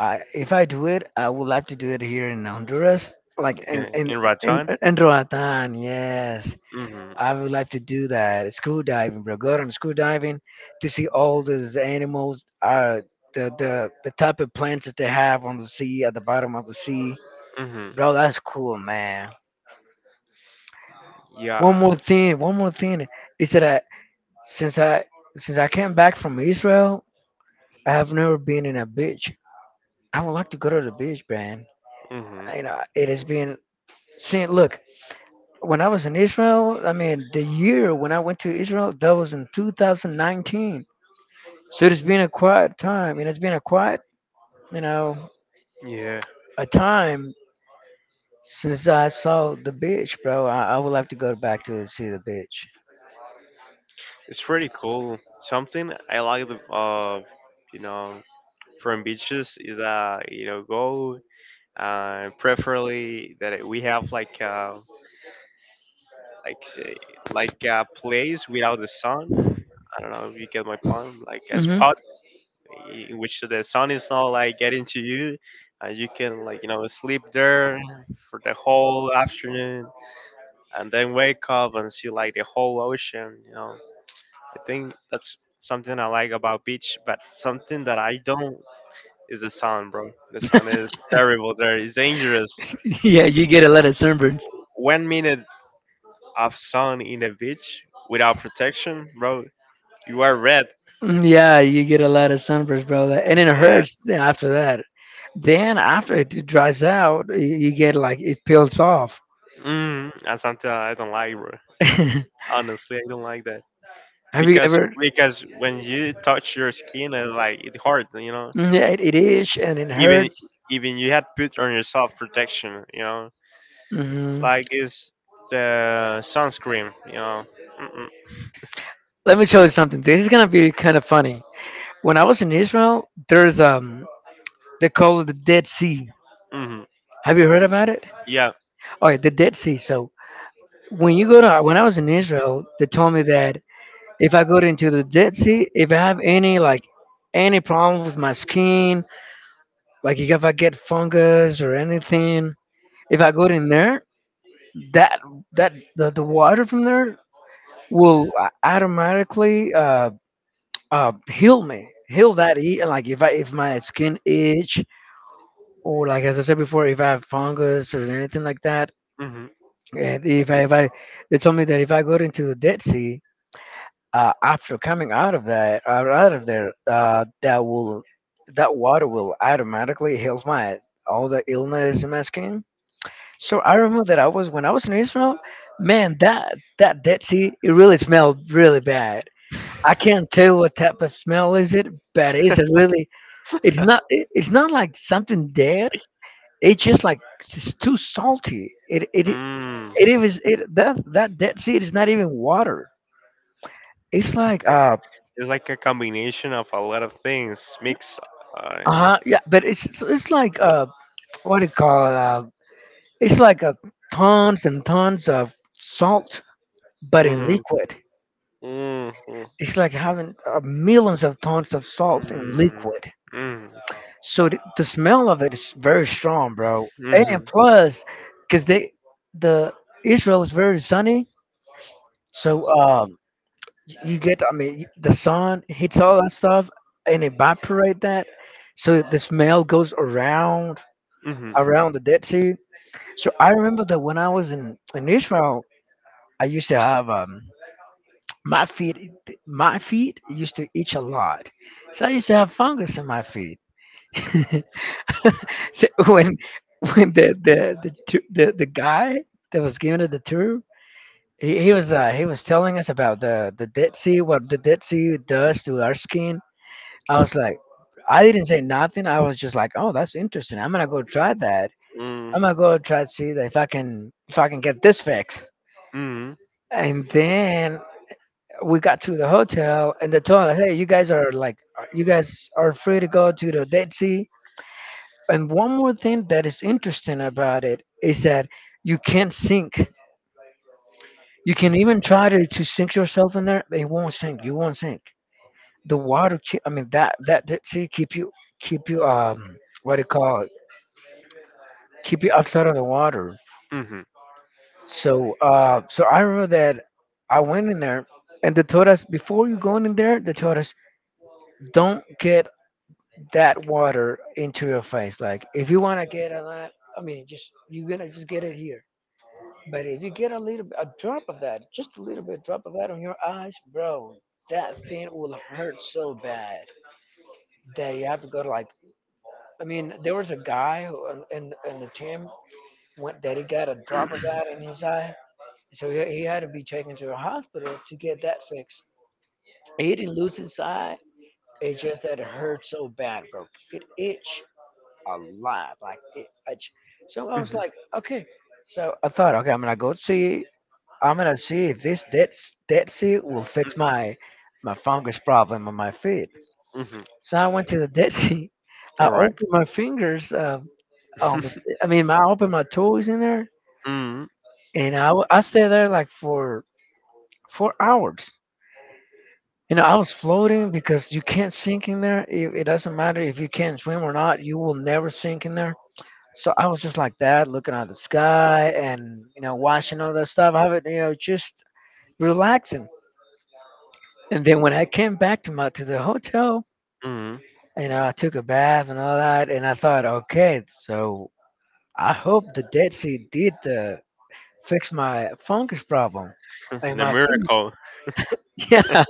I if I do it, I would love to do it here in Honduras, like in
Yeah,
in
in
in,
Raton.
in Roatán. Yes,
Mm-hmm.
I would like to do that. Scuba diving, bro. Go on scuba diving to see all these animals, uh, the, the the type of plants that they have on the sea, at the bottom of the sea.
Mm-hmm.
Bro, that's cool, man. One
Yeah.
more thing, one more thing is that I, since I since I came back from Israel, I have never been in a beach. I would like to go to the beach, man.
Mm-hmm.
I- You know, it has been, since, look, when I was in Israel. I mean, the year when I went to Israel, that was in two thousand nineteen. So it's been a quiet time, and it's been a quiet, you know,
Yeah,
a time since I saw the beach, bro. I, I would like to go back to see the beach.
it's pretty cool. Something I like the uh, you know, from beaches is that you know go uh, preferably that it- we have like uh, like say like a place without the sun. I don't know if you get my point. Like a
Hmm.
spot in which the sun is not like getting to you, and you can like you know sleep there for the whole afternoon, and then wake up and see like the whole ocean. You know, I think that's something I like about beach, but something that I don't is the sun, bro. The sun is terrible there. It's dangerous
*laughs* Yeah, you get a lot of sunburns.
one minute of sun in a beach without protection, bro, you are red.
Mm, yeah, you get a lot of sunburns, bro. Like- And it
Yeah.
hurts then after that. Then after it dries out, y- you get like it peels off.
Mm, that's something I don't like, bro.
*laughs* Have
Honestly, I don't like that
you
because
ever?
because when you touch your skin, it, like it hurts, you know.
Mm, yeah, it, it is, and it
Even
hurts.
even you had put on yourself protection, you know,
Hmm.
like it's the sunscreen, you know. Mm-mm,
Let me tell you something. This is gonna be kind of funny. When I was in Israel, there's um they call it the Dead Sea.
mm-hmm.
Have you heard about it?
Yeah.
Oh, yeah, the Dead Sea. So when you go to when I was in Israel, they told me that if I go into the Dead Sea, if I have any like any problem with my skin, like if I get fungus or anything, if I go in there, that that the, the water from there will a- automatically uh, uh heal me, heal that, e like if i if my skin itch, or like, as I said before, if I have fungus or anything like that,
Mm-hmm.
and if i if I they told me that if I go into the Dead Sea, uh after coming out of that uh, out of there, uh that will, that water will automatically heals my, all the illness in my skin. So I remember that I was when I was in Israel, man, that that Dead Sea, it really smelled really bad. I can't tell what type of smell is it, but it's a really, it's not,
*laughs*
it- it's not like something dead. It's just like, it's just too salty. It it it
Mm.
it is it that that Dead Sea is not even water. It's like uh
It's like a combination of a lot of things mixed. Uh,
uh yeah, but it's it's it's like uh what do you call it? Uh, it's like, uh, tons and tons of salt, but in
Mhm.
liquid.
Mhm.
It's like having uh, millions of tons of salt in
Mm.
liquid.
Mhm.
So the, the smell of it is very strong, bro. And
Mhm.
plus, because they the Israel is very sunny. So um, you get, I mean, the sun hits all that stuff and evaporate that, so the smell goes around
Mhm.
around the Dead Sea. So I remember that when I was in in Israel, I used to have um my feet my feet used to itch a lot, so I used to have fungus in my feet. *laughs* So when when the the the tu- the, the guy that was giving it the tour, He, he was uh, he was telling us about the the Dead Sea, what the Dead Sea does to our skin. I was like, I didn't say nothing. I was just like, oh, that's interesting. I'm gonna go try that.
Mm.
I'm gonna go try to see that if I can, if I can get this fixed.
Mhm.
And then we got to the hotel and they told us, hey, you guys are like, you guys are free to go to the Dead Sea. And one more thing that is interesting about it is that you can't sink. You can even try to, to sink yourself in there, but it won't sink. You won't sink. The water keep, I mean that that that see keep you keep you um what do you call it, keep you outside of the water.
Mhm.
So uh so I remember that I went in there, and they told us before you going in there, they told us don't get that water into your face, like if you want to get a lot, I mean just you're gonna just get it here. But if you get a little bit- a drop of that, just a little bit drop of that on your eyes, bro, that thing will hurt so bad that you have to go to, like, I mean, there was a guy who, in in in the gym went that he got a drop of that in his eye, so he, he had to be taken to the hospital to get that fixed. He didn't lose his eye. It's just that it hurt so bad, bro. It itched a lot, like it. Itch. So I
Mhm.
was
Mhm.
like, okay. So I thought, okay, I'm gonna go see. I'm gonna see if this dead s- dead sea will fix my my fungus problem on my feet.
Mhm.
So I went to the *laughs* Dead Sea. I
All right.
opened my fingers. Uh, on the
*laughs*
I mean, my, I opened my toys in there,
Mhm.
and I w- I stayed there like for four hours. You know, I was floating because you can't sink in there. It, it doesn't matter if you can't swim or not; you will never sink in there. So I was just like that, looking at the sky and, you know, watching all that stuff. I was, you know, just relaxing. And then when I came back to my to the hotel,
Mhm.
you know, I took a bath and all that, and I thought, okay, so I hope the Dead Sea did the fix my fungus problem.
*laughs*
Like
The
my feet. *laughs*
miracle.
Yeah,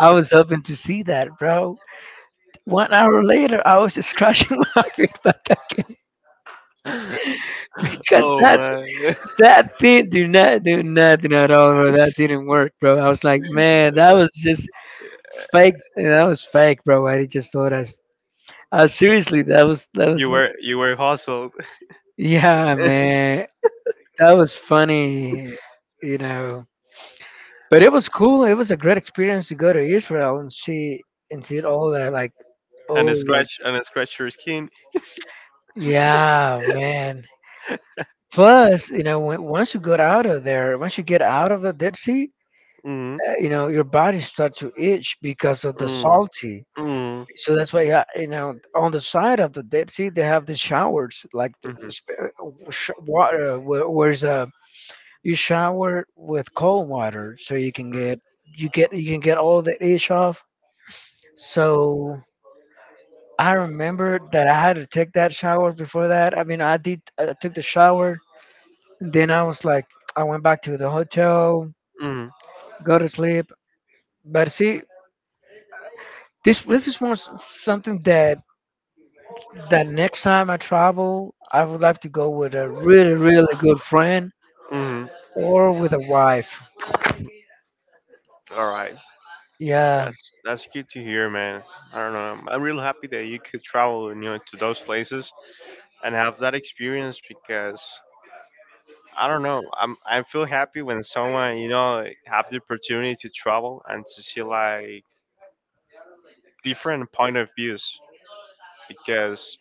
I was hoping to see that, bro. One hour later, I was just crushing *laughs* my feet back again *laughs*
*laughs*
because
Oh,
that
man.
that thing do not do nothing at all, bro. That didn't work, bro. I was like, man, that was just fake. That was fake, bro. I just thought I, s- I seriously, that was that
*laughs*
was.
You were you were hustled
Yeah, man, that was funny, you know. But it was cool. It was a great experience to go to Israel and see and see it all that, like,
and
oh,
a
right.
scratch and a scratch your skin.
Yeah, man. Plus, you know, when, once you get out of there, once you get out of the Dead Sea,
Mm.
uh, you know, your body starts to itch because of the
Mm.
salty.
Mm.
So that's why, yeah, you know, on the side of the Dead Sea, they have the showers, like the
Mm.
sp- uh, sh- water, where, where's uh, you shower with cold water, so you can get you get you can get all the itch off. So I remember that I had to take that shower before that. I mean, I did. I took the shower. Then I was like, I went back to the hotel,
Mm.
go to sleep. But see, this this is one s- something that that next time I travel, I would like to go with a really really good friend,
Mm.
or with a wife.
All right.
Yeah,
That's that's good to hear, man. I don't know. I'm real happy that you could travel, you know, to those places and have that experience because I don't know. I'm I feel happy when someone you know have the opportunity to travel and to see like different point of views because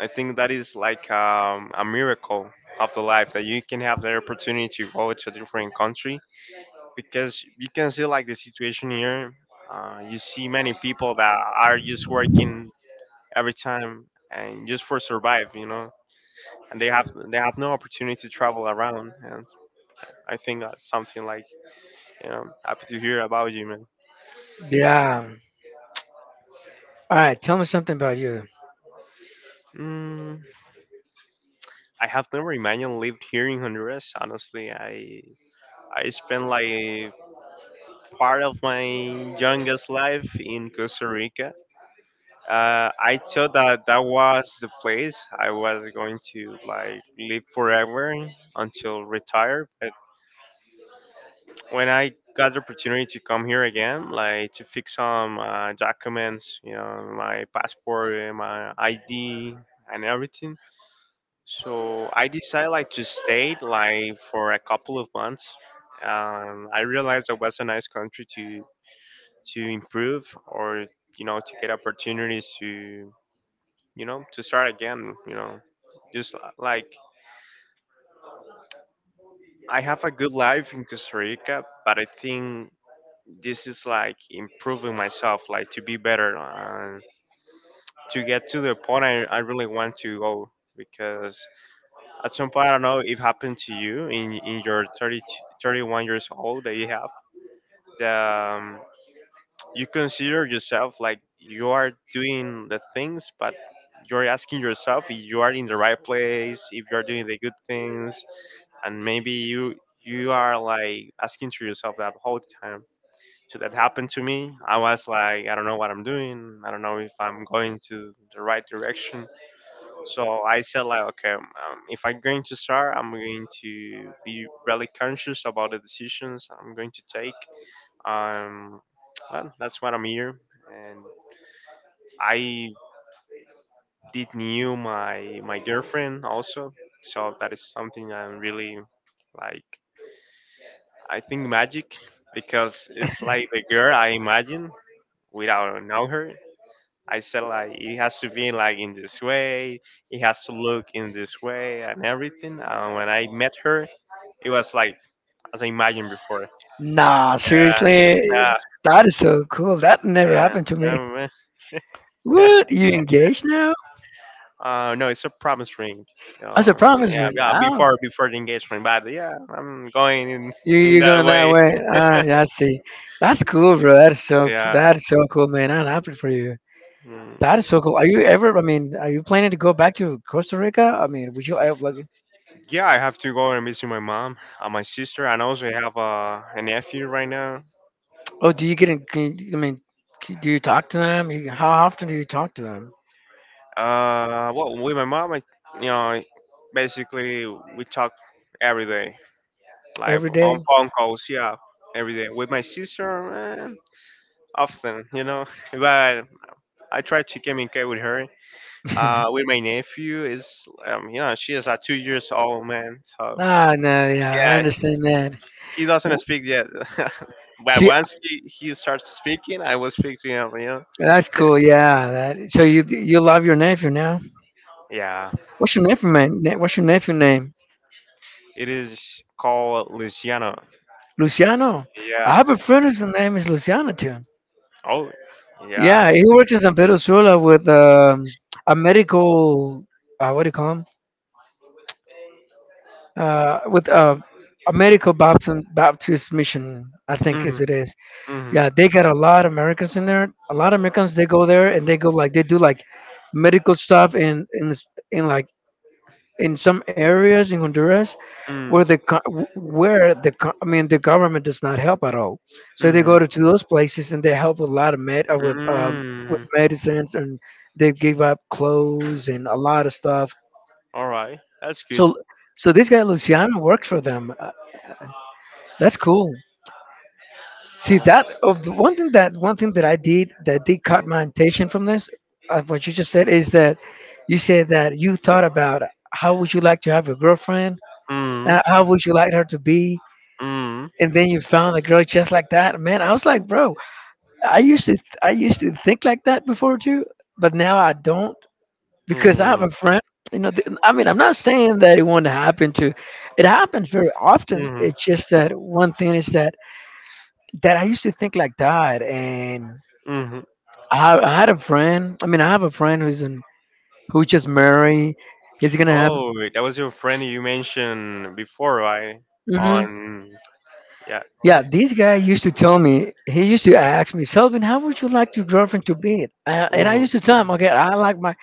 I think that is like um, a miracle of the life that you can have the opportunity to go to a different country because you can see like the situation here. Uh, you see many people that are just working every time and just for survive, you know, and they have they have no opportunity to travel around. And I think that's something like. Yeah, happy to hear about you, man.
yeah. All right, tell me something about you.
Mm, I have never imagined lived here in Honduras. Honestly, I I spent like part of my youngest life in Costa Rica. Uh, I thought that that was the place I was going to like live forever until retire. But when I got the opportunity to come here again, like to fix some uh, documents, you know, my passport, uh, my I D, and everything. So I decided like to stay like for a couple of months. Um, I realized it was a nice country to to improve or you know to get opportunities to you know to start again. You know, just li- like I have a good life in Costa Rica, but I think this is like improving myself, like to be better, uh, to get to the point I, I really want to go because at some point, I don't know if it happened to you in in your thirty, thirty-one years old that you have that um, you consider yourself like you are doing the things, but you're asking yourself if you are in the right place, if you are doing the good things, and maybe you you are like asking to yourself that whole time. So that happened to me. I was like, I don't know what I'm doing. I don't know if I'm going to the right direction. So I said like, okay, um, um, if I'm going to start, I'm going to be really conscious about the decisions I'm going to take. Um, well, that's what I'm here, and I did knew my my girlfriend also, so that is something I'm really like. I think magic because it's like the girl I imagine without know her. I said like it has to be like in this way, it has to look in this way and everything. And when I met her, it was like as I imagined before.
Nah,
Yeah,
seriously, that is so cool. That never
yeah,
happened to me.
yeah. Yeah.
What? You engaged now?
*laughs* uh, no, it's a promise ring.
As a
Um,
promise
yeah,
ring?
yeah,
Oh.
before before the engagement, but yeah, I'm going in
You
in
you
that
going that
way.
way? Ah, yeah, I see. That's cool, bro. That's so
Yeah.
that's so cool, man. I'm happy for you.
Mm.
That is so cool. Are you ever? I mean, are you planning to go back to Costa Rica? I mean, would you ever, like,
Yeah, I have to go and visit my mom and my sister, and also I have uh, a nephew right now.
oh, do you get? In, can you- I mean, c- do you talk to them? You, how often do you talk to them?
Uh, well, with my mom, I you know, basically we talk every day, like
Every day?
on phone calls, yeah, every day with my sister, eh, often, you know. *laughs* But I try to communicate with her. Uh, with my
*laughs*
nephew is, um, you know, she is a two years old, man. So
Ah, no, yeah, I
yeah,
understand that.
he doesn't
W-
speak yet. *laughs* But
She,
once he, he starts speaking, I will speak to him, you know.
that's cool. Yeah, that. So you you love your nephew now?
Yeah,
What's your nephew, man? ne- What's your nephew name?
it is called Luciano.
Luciano. I
Yeah.
have a friend whose name is Luciano too.
Oh, yeah.
Yeah, he works in San Pedro Sula with um, a medical, uh, what do you call him? Uh, with uh, a medical Baptist, Baptist mission, I think
Mm-hmm.
is it is.
Mm-hmm.
Yeah, they got a lot of Americans in there. A lot of Americans, they go there and they go like, they do like medical stuff in in s- in, like, in some areas in Honduras
Mm.
where the co- w- where the co- I mean, the government does not help at all. So they go
Mm.
to, to those places, and they help a lot of med uh, with um, with
Mm.
medicines, and they give up clothes and a lot of stuff.
All right. That's good.
So so this guy Luciano works for them. Uh, that's cool. See,
Oh.
that of the one thing that one thing that I did that did caught my attention from this, of what you just said, is that you said that you thought about how would you like to have a girlfriend, uh,
Mm.
how would you like her to be,
Mm.
and then you found a girl just like that, man. I was like, bro, i used to i used to think like that before too, but now I don't, because I have
Mm.
a friend. You know, th- I mean, I'm not saying that it won't happen. To, it happens very often.
Mm.
It's just that one thing is that that I used to think like that. And
Mm.
i, I had a friend. I mean, I have a friend who's in who just married. He's gonna have.
Oh, that was your friend you mentioned before, right?
Mhm.
On, yeah.
Yeah, this guy used to tell me, he used to ask me, Selvin, how would you like your girlfriend to be? Uh, and I
Mm.
used to tell him, okay, I like my,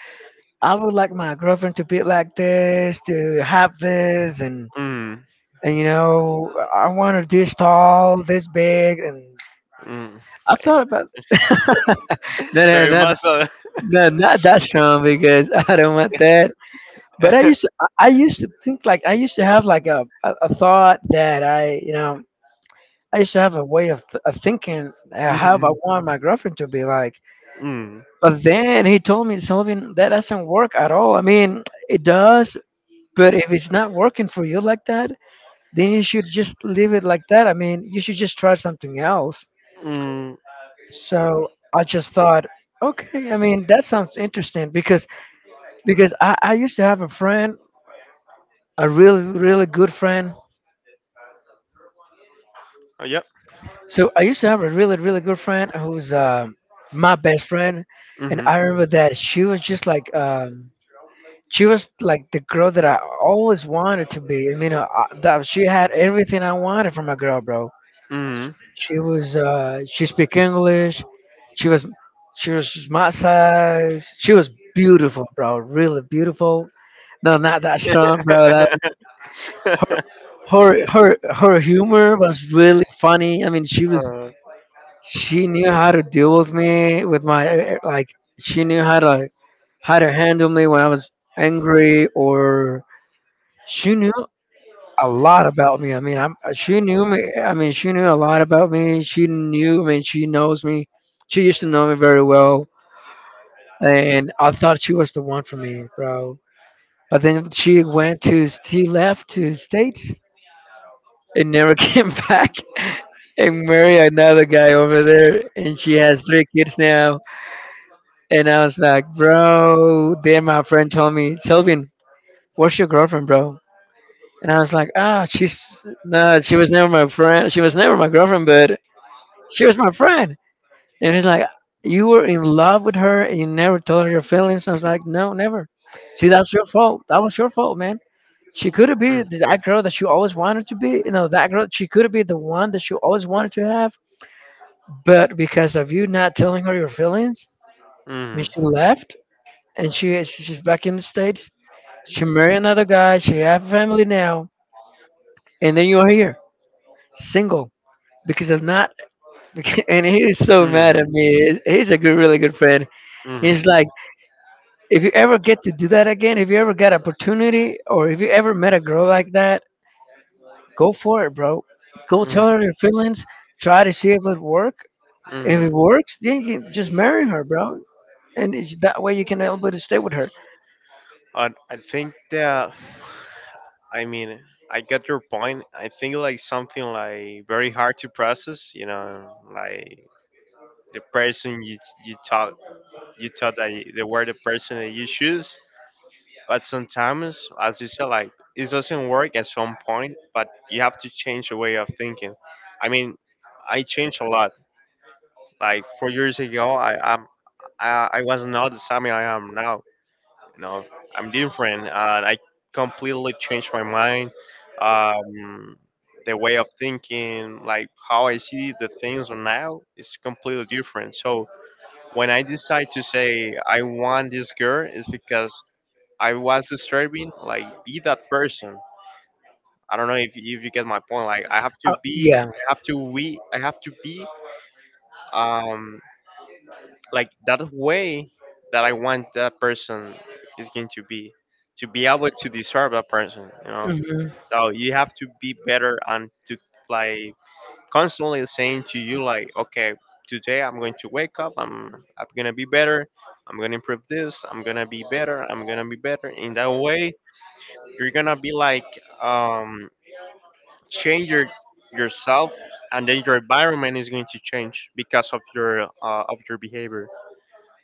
I would like my girlfriend to be like this, to have this, and,
Mm.
and you know, I want her this tall, this big. And
Mm.
I thought about, *laughs* no,
*laughs*
no,
Very
no,
muscle.
no, not that strong, because *laughs* I don't want that.
*laughs*
But I
Mm.
used to, I I used to think, like, I used to have like a, a, a thought that I, you know, I used to have a way of, th- of thinking uh, how I want my girlfriend to be like.
Mm.
But then he told me, Sylvian, that doesn't work at all. I mean, it does, but if it's not working for you like that, then you should just leave it like that. I mean, you should just try something else.
Mm.
So I just thought, okay, I mean, that sounds interesting, because because I, I used to have a friend, a really, really good friend.
Oh, yep.
So I used to have a really, really good friend, who's uh, my best friend. And
Mm.
I remember that she was just like, um, she was like the girl that I always wanted to be. I mean, uh, I- that she had everything I wanted from a girl, bro. She was uh, she speak English. She was she was my size. She was beautiful, bro. Really beautiful. No, not that strong, bro. That
Mm.
her
*laughs*
her her humor was really funny. I mean, she was
Uh,
she knew how to deal with me, with my uh, like, she knew how to how to handle me when I was angry, or she knew a lot about me. I mean, I'm she knew me. I mean, she knew a lot about me. She knew. I mean, she knows me. She used to know me very well, and I thought she was the one for me, bro. But then she went to she left to States, and never *laughs* came back, and married another guy over there, and she has three kids now. And I was like, bro. Then my friend told me, Sylvian, what's your girlfriend, bro? And I was like, ah, she's, no, she was never my friend. She was never my girlfriend, but she was my friend. And he's like, you were in love with her, and you never told her your feelings. I was like, no, never. See, that's your fault. That was your fault, man. She could have
mm,
been that girl that you always wanted to be. You know, that girl. She could have been the one that you always wanted to have. But because of you not telling her your feelings, I mean,
mm, mm,
she left, and she she's back in the States. She married another guy. She have family now, and then you are here, single, because of not. *laughs* And he is so mad at me. He's he's a good, really good friend.
mm,
He's like, if you ever get to do that again, if you ever got opportunity, or if you ever met a girl like that, go for it, bro. Go
mm,
tell her your feelings. Try to see if it work. If it
mm.
works, then you can just marry her, bro. And it's, that way you can able to stay with her.
And I think that, I mean, I get your point. I think like something like very hard to process. You know, like the person you you thought you thought that you, they were the person that you choose. But sometimes, as you said, like it doesn't work at some point, but you have to change your way of thinking. I mean, I changed a lot. Like four years ago, I I'm, I I was not the same I am now. You know, I'm different, and I completely changed my mind, um, the way of thinking, like how I see the things now is completely different. So when I decide to say I want this girl, it's because I was disturbing, like be that person. I don't know if you, if you get my point. Like I have to
Uh,
be,
yeah.
I have to we, I have to be, um, like that way that I want that person is going to be, to be able to disturb that person. You know,
Hmm, hmm.
So you have to be better and to like constantly saying to you like, okay, today I'm going to wake up. I'm I'm gonna be better. I'm gonna improve this. I'm gonna be better. I'm gonna be better. In that way, you're gonna be like um, change your yourself and then your environment is going to change because of your uh, of your behavior.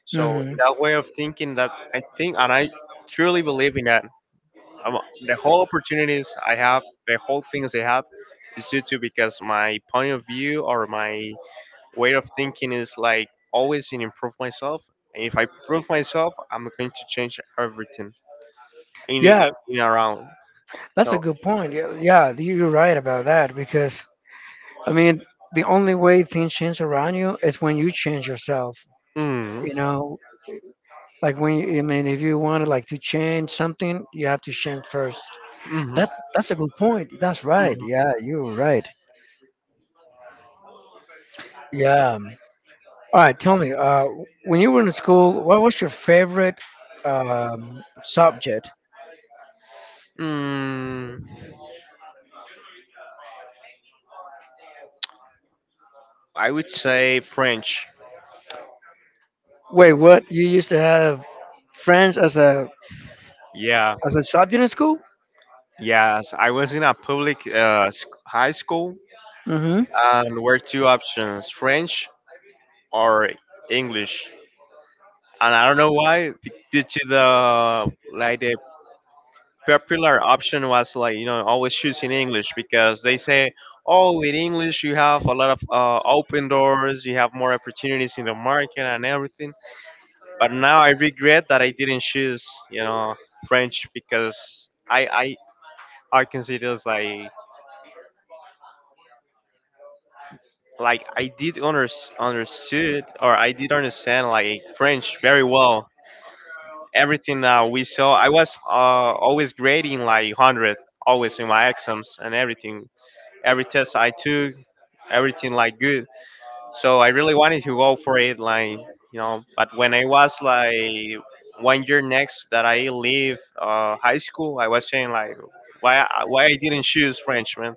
So in that way of thinking that I think and I truly believe in that, um, the whole opportunities I have the whole things I have is due to because my point of view or my way of thinking is like always in improve myself and if I prove myself I'm going to change everything in, in,
Yeah,
in around.
that's a
So.
good point. Yeah, yeah, you- you're right about that, because I mean, the only way things change around you is when you change yourself.
Mm,
You know, like when you, I mean, if you want to like to change something, you have to change first.
mhm.
That that's a good point. That's right.
Mhm.
Yeah, you're right. Yeah. All right. Tell me, uh, when you were in school, what was your favorite um, subject?
Mm, I would say French.
Wait, what? You used to have French as a
Yeah.
as a subject in school?
Yes. I was in a public uh, sc- high school,
Mm-hmm.
and were two options: French or English. And I don't know why, be- due to the like the popular option was like you know always choosing English because they say, oh, in English you have a lot of uh, open doors, you have more opportunities in the market and everything. But now I regret that I didn't choose, you know, French because I I I consider it's like like I did under, understood or I did understand like French very well. Everything uh, we saw, I was uh, always grading like hundred, always in my exams and everything. Every test I took, everything like good. So I really wanted to go for it, like you know. But when I was like one year next that I leave uh, high school, I was saying like, why I- why I didn't choose French, man?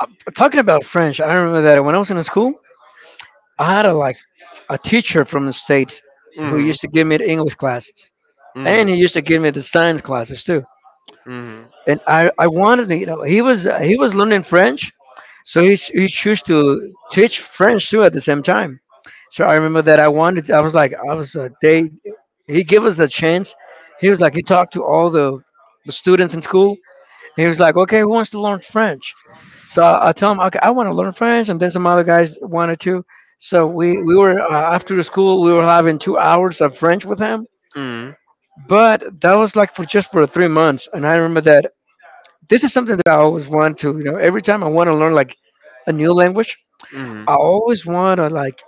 Uh, talking about French, I remember that when I was in school, I had a like a teacher from the states who
Hmm.
used to give me the English classes, and
Hmm.
he used to give me the science classes too.
Hmm.
And I I wanted to, you know, he was uh, he was learning French, so he ch- he chose to teach French too at the same time. So I remember that I wanted I was like I was uh, they he gave us a chance. He was like he talked to all the the students in school. He was like, okay, who wants to learn French? So I, I told him, okay, I want to learn French, and then some other guys wanted to. So we we were uh, after the school we were having two hours of French with him,
Hmm.
but that was like for just for three months. And I remember that this is something that I always want to, you know, every time I want to learn like a new language,
Hmm.
I always want to like,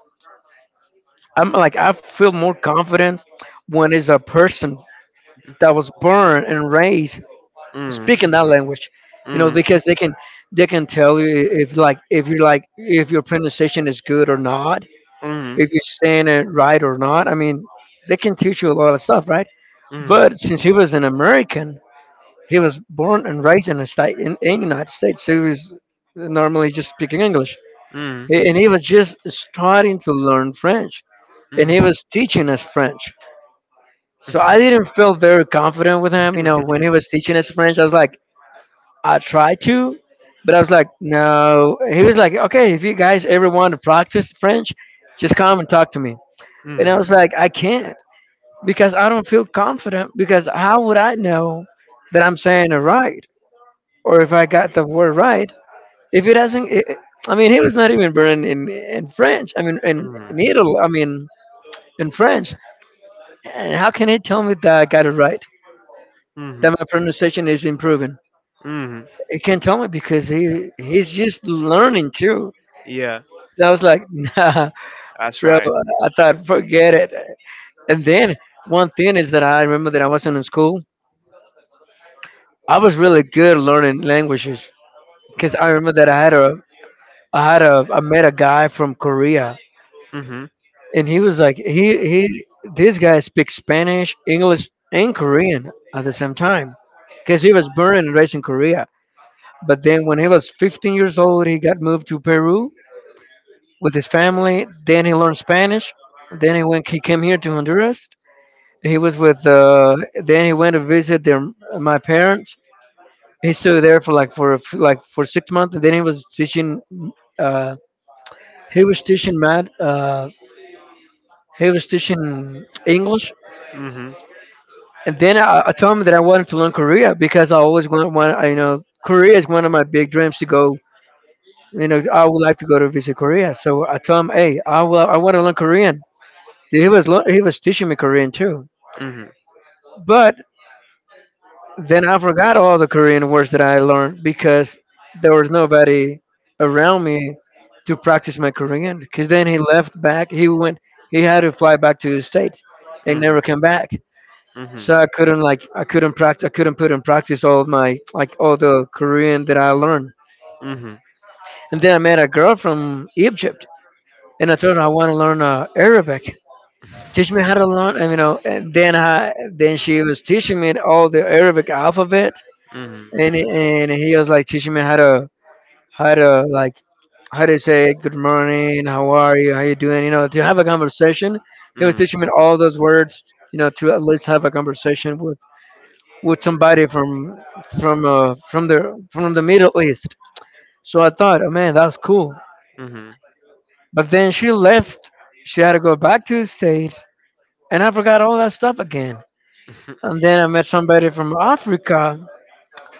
I'm like, I feel more confident when it's a person that was born and raised speaking that language, you know,
Hmm.
because they can, they can tell you if like, if you're like, if your pronunciation is good or not,
Hmm.
if you're saying it right or not. I mean, they can teach you a lot of stuff, right?
Hmm.
But since he was an American, he was born and raised in the state in, in United States, so he was normally just speaking English.
Hmm.
He, and he was just starting to learn French, and he was teaching us French. So I didn't feel very confident with him. You
Hmm.
know, when he
*laughs*
was teaching us French, I was like, I tried to, but I was like, no. He was like, okay, if you guys ever want to practice French, just come and talk to me. And I
Mm.
was like, I can't because I don't feel confident. Because how would I know that I'm saying it right or if I got the word right? If it hasn't, I I mean, he was not even born in, in French. I mean, in,
Mm.
in Italy. I mean, in French. And how can he tell me that I got it right?
Mm.
That my pronunciation is improving?
Mm.
He can't tell me because he he's just learning too.
Yeah,
And I was like, *laughs* nah,
that's
bro.
right.
I thought, forget it. And then one thing is that I remember that I wasn't in school. I was really good learning languages because I remember that I had a I had a I met a guy from Korea,
Mm-hmm.
and he was like he he this guy speaks Spanish, English, and Korean at the same time, because he was born and raised in Korea. But then when he was fifteen years old, he got moved to Peru with his family. Then he learned Spanish. Then he went he came here to Honduras. He was with uh Then he went to visit their my parents. He stayed there for like for a f- Like for six months. And then he was teaching uh he was teaching math, uh he was teaching English.
Hmm.
And then I, I told him that I wanted to learn Korea because I always want, want I- you know, Korea is one of my big dreams to go. You know, I would like to go to visit Korea. So I told him, hey, I will, I want to learn Korean. So he was lear- he was teaching me Korean too. But then I forgot all the Korean words that I learned because there was nobody around me to practice my Korean. Because then he left back. He went. He had to fly back to the states and never came back.
Hmm. Hmm.
So I couldn't like I couldn't practice, I couldn't put in practice all my like all the Korean that I learned.
Hmm.
And then I met a girl from Egypt, and I told her I want to learn uh, Arabic. Teach me how to learn, and, you know. And then I then she was teaching me all the Arabic alphabet,
Hmm.
and and he was like teaching me how to how to like how to say good morning, how are you, how you doing, you know, to have a conversation. He was
Hmm.
teaching me all those words, you know, to at least have a conversation with with somebody from from uh, from the from the Middle East. So I thought, oh man, that's cool.
Mhm.
But then she left. She had to go back to the States, and I forgot all that stuff again. And
*laughs*
then I met somebody from Africa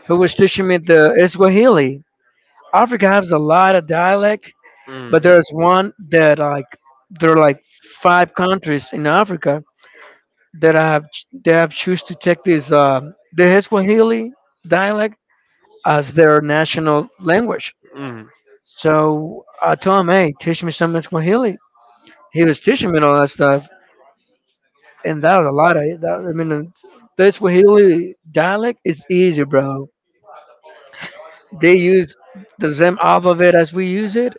who was teaching me the Swahili. Africa has a lot of dialect, but
Mm.
there's one that like there are like five countries in Africa that I have that have choose to take this uh, the Swahili dialect as their national language.
Mm.
So I told him, hey, teach me some in Swahili. He was teaching me all that stuff, and that was a lot of it. That, I mean, the Swahili dialect is easy, bro. They use the same alphabet as we use it.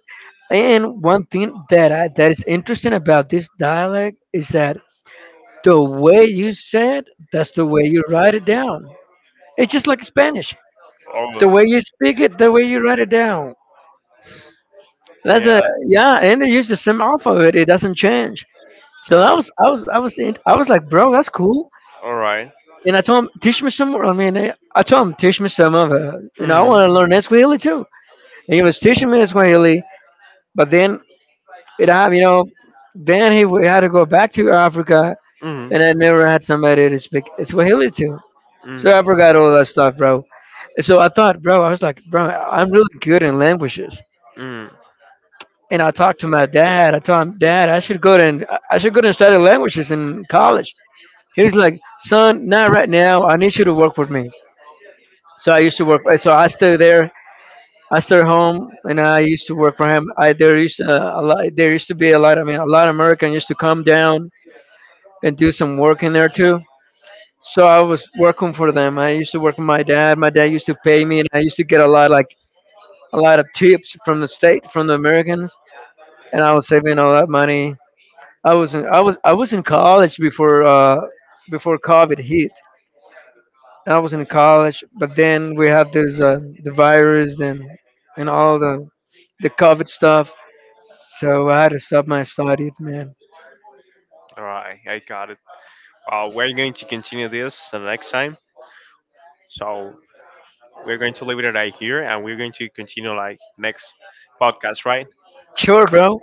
And one thing that I, that is interesting about this dialect is that the way you say it, that's the way you write it down. It's just like Spanish. The
Oh.
way you speak it, the way you write it down. That's a
Yeah.
yeah, and they use the same alphabet. It doesn't change. So I
Uh,
was, I was, I was, in, I was like, bro, that's cool.
all right.
And I told him, teach me some more. I mean, eh, I told him, teach me some of it. You know, I
Mm.
want to learn Esquihili too. And he was teaching me Esquihili, but then it happened, you know, then he w- had to go back to Africa,
Mm.
and I never had somebody to speak Swahili to.
Mm.
So I forgot all that stuff, bro. So I thought, bro, I was like, bro, I'm really good in languages.
Mm.
And I talked to my dad. I told him, Dad, I should go to I should go to study languages in college. He's like, son, not right now. I need you to work for me. So I used to work. So I stay there. I stay home, and I used to work for him. I there used to, uh, a lot. There used to be a lot. I mean, a lot of Americans used to come down and do some work in there too. So I was working for them. I used to work for my dad. My dad used to pay me, and I used to get a lot like a lot of tips from the state from the Americans, and I was saving all that money. I was in I was I was in college before uh, before COVID hit. I was in college, but then we had this uh, the virus and and all the the COVID stuff. So I had to stop my studies, man.
All right. I got it. Uh, we're going to continue this the next time. So we're going to leave it right here, and we're going to continue like next podcast, right?
Sure, bro.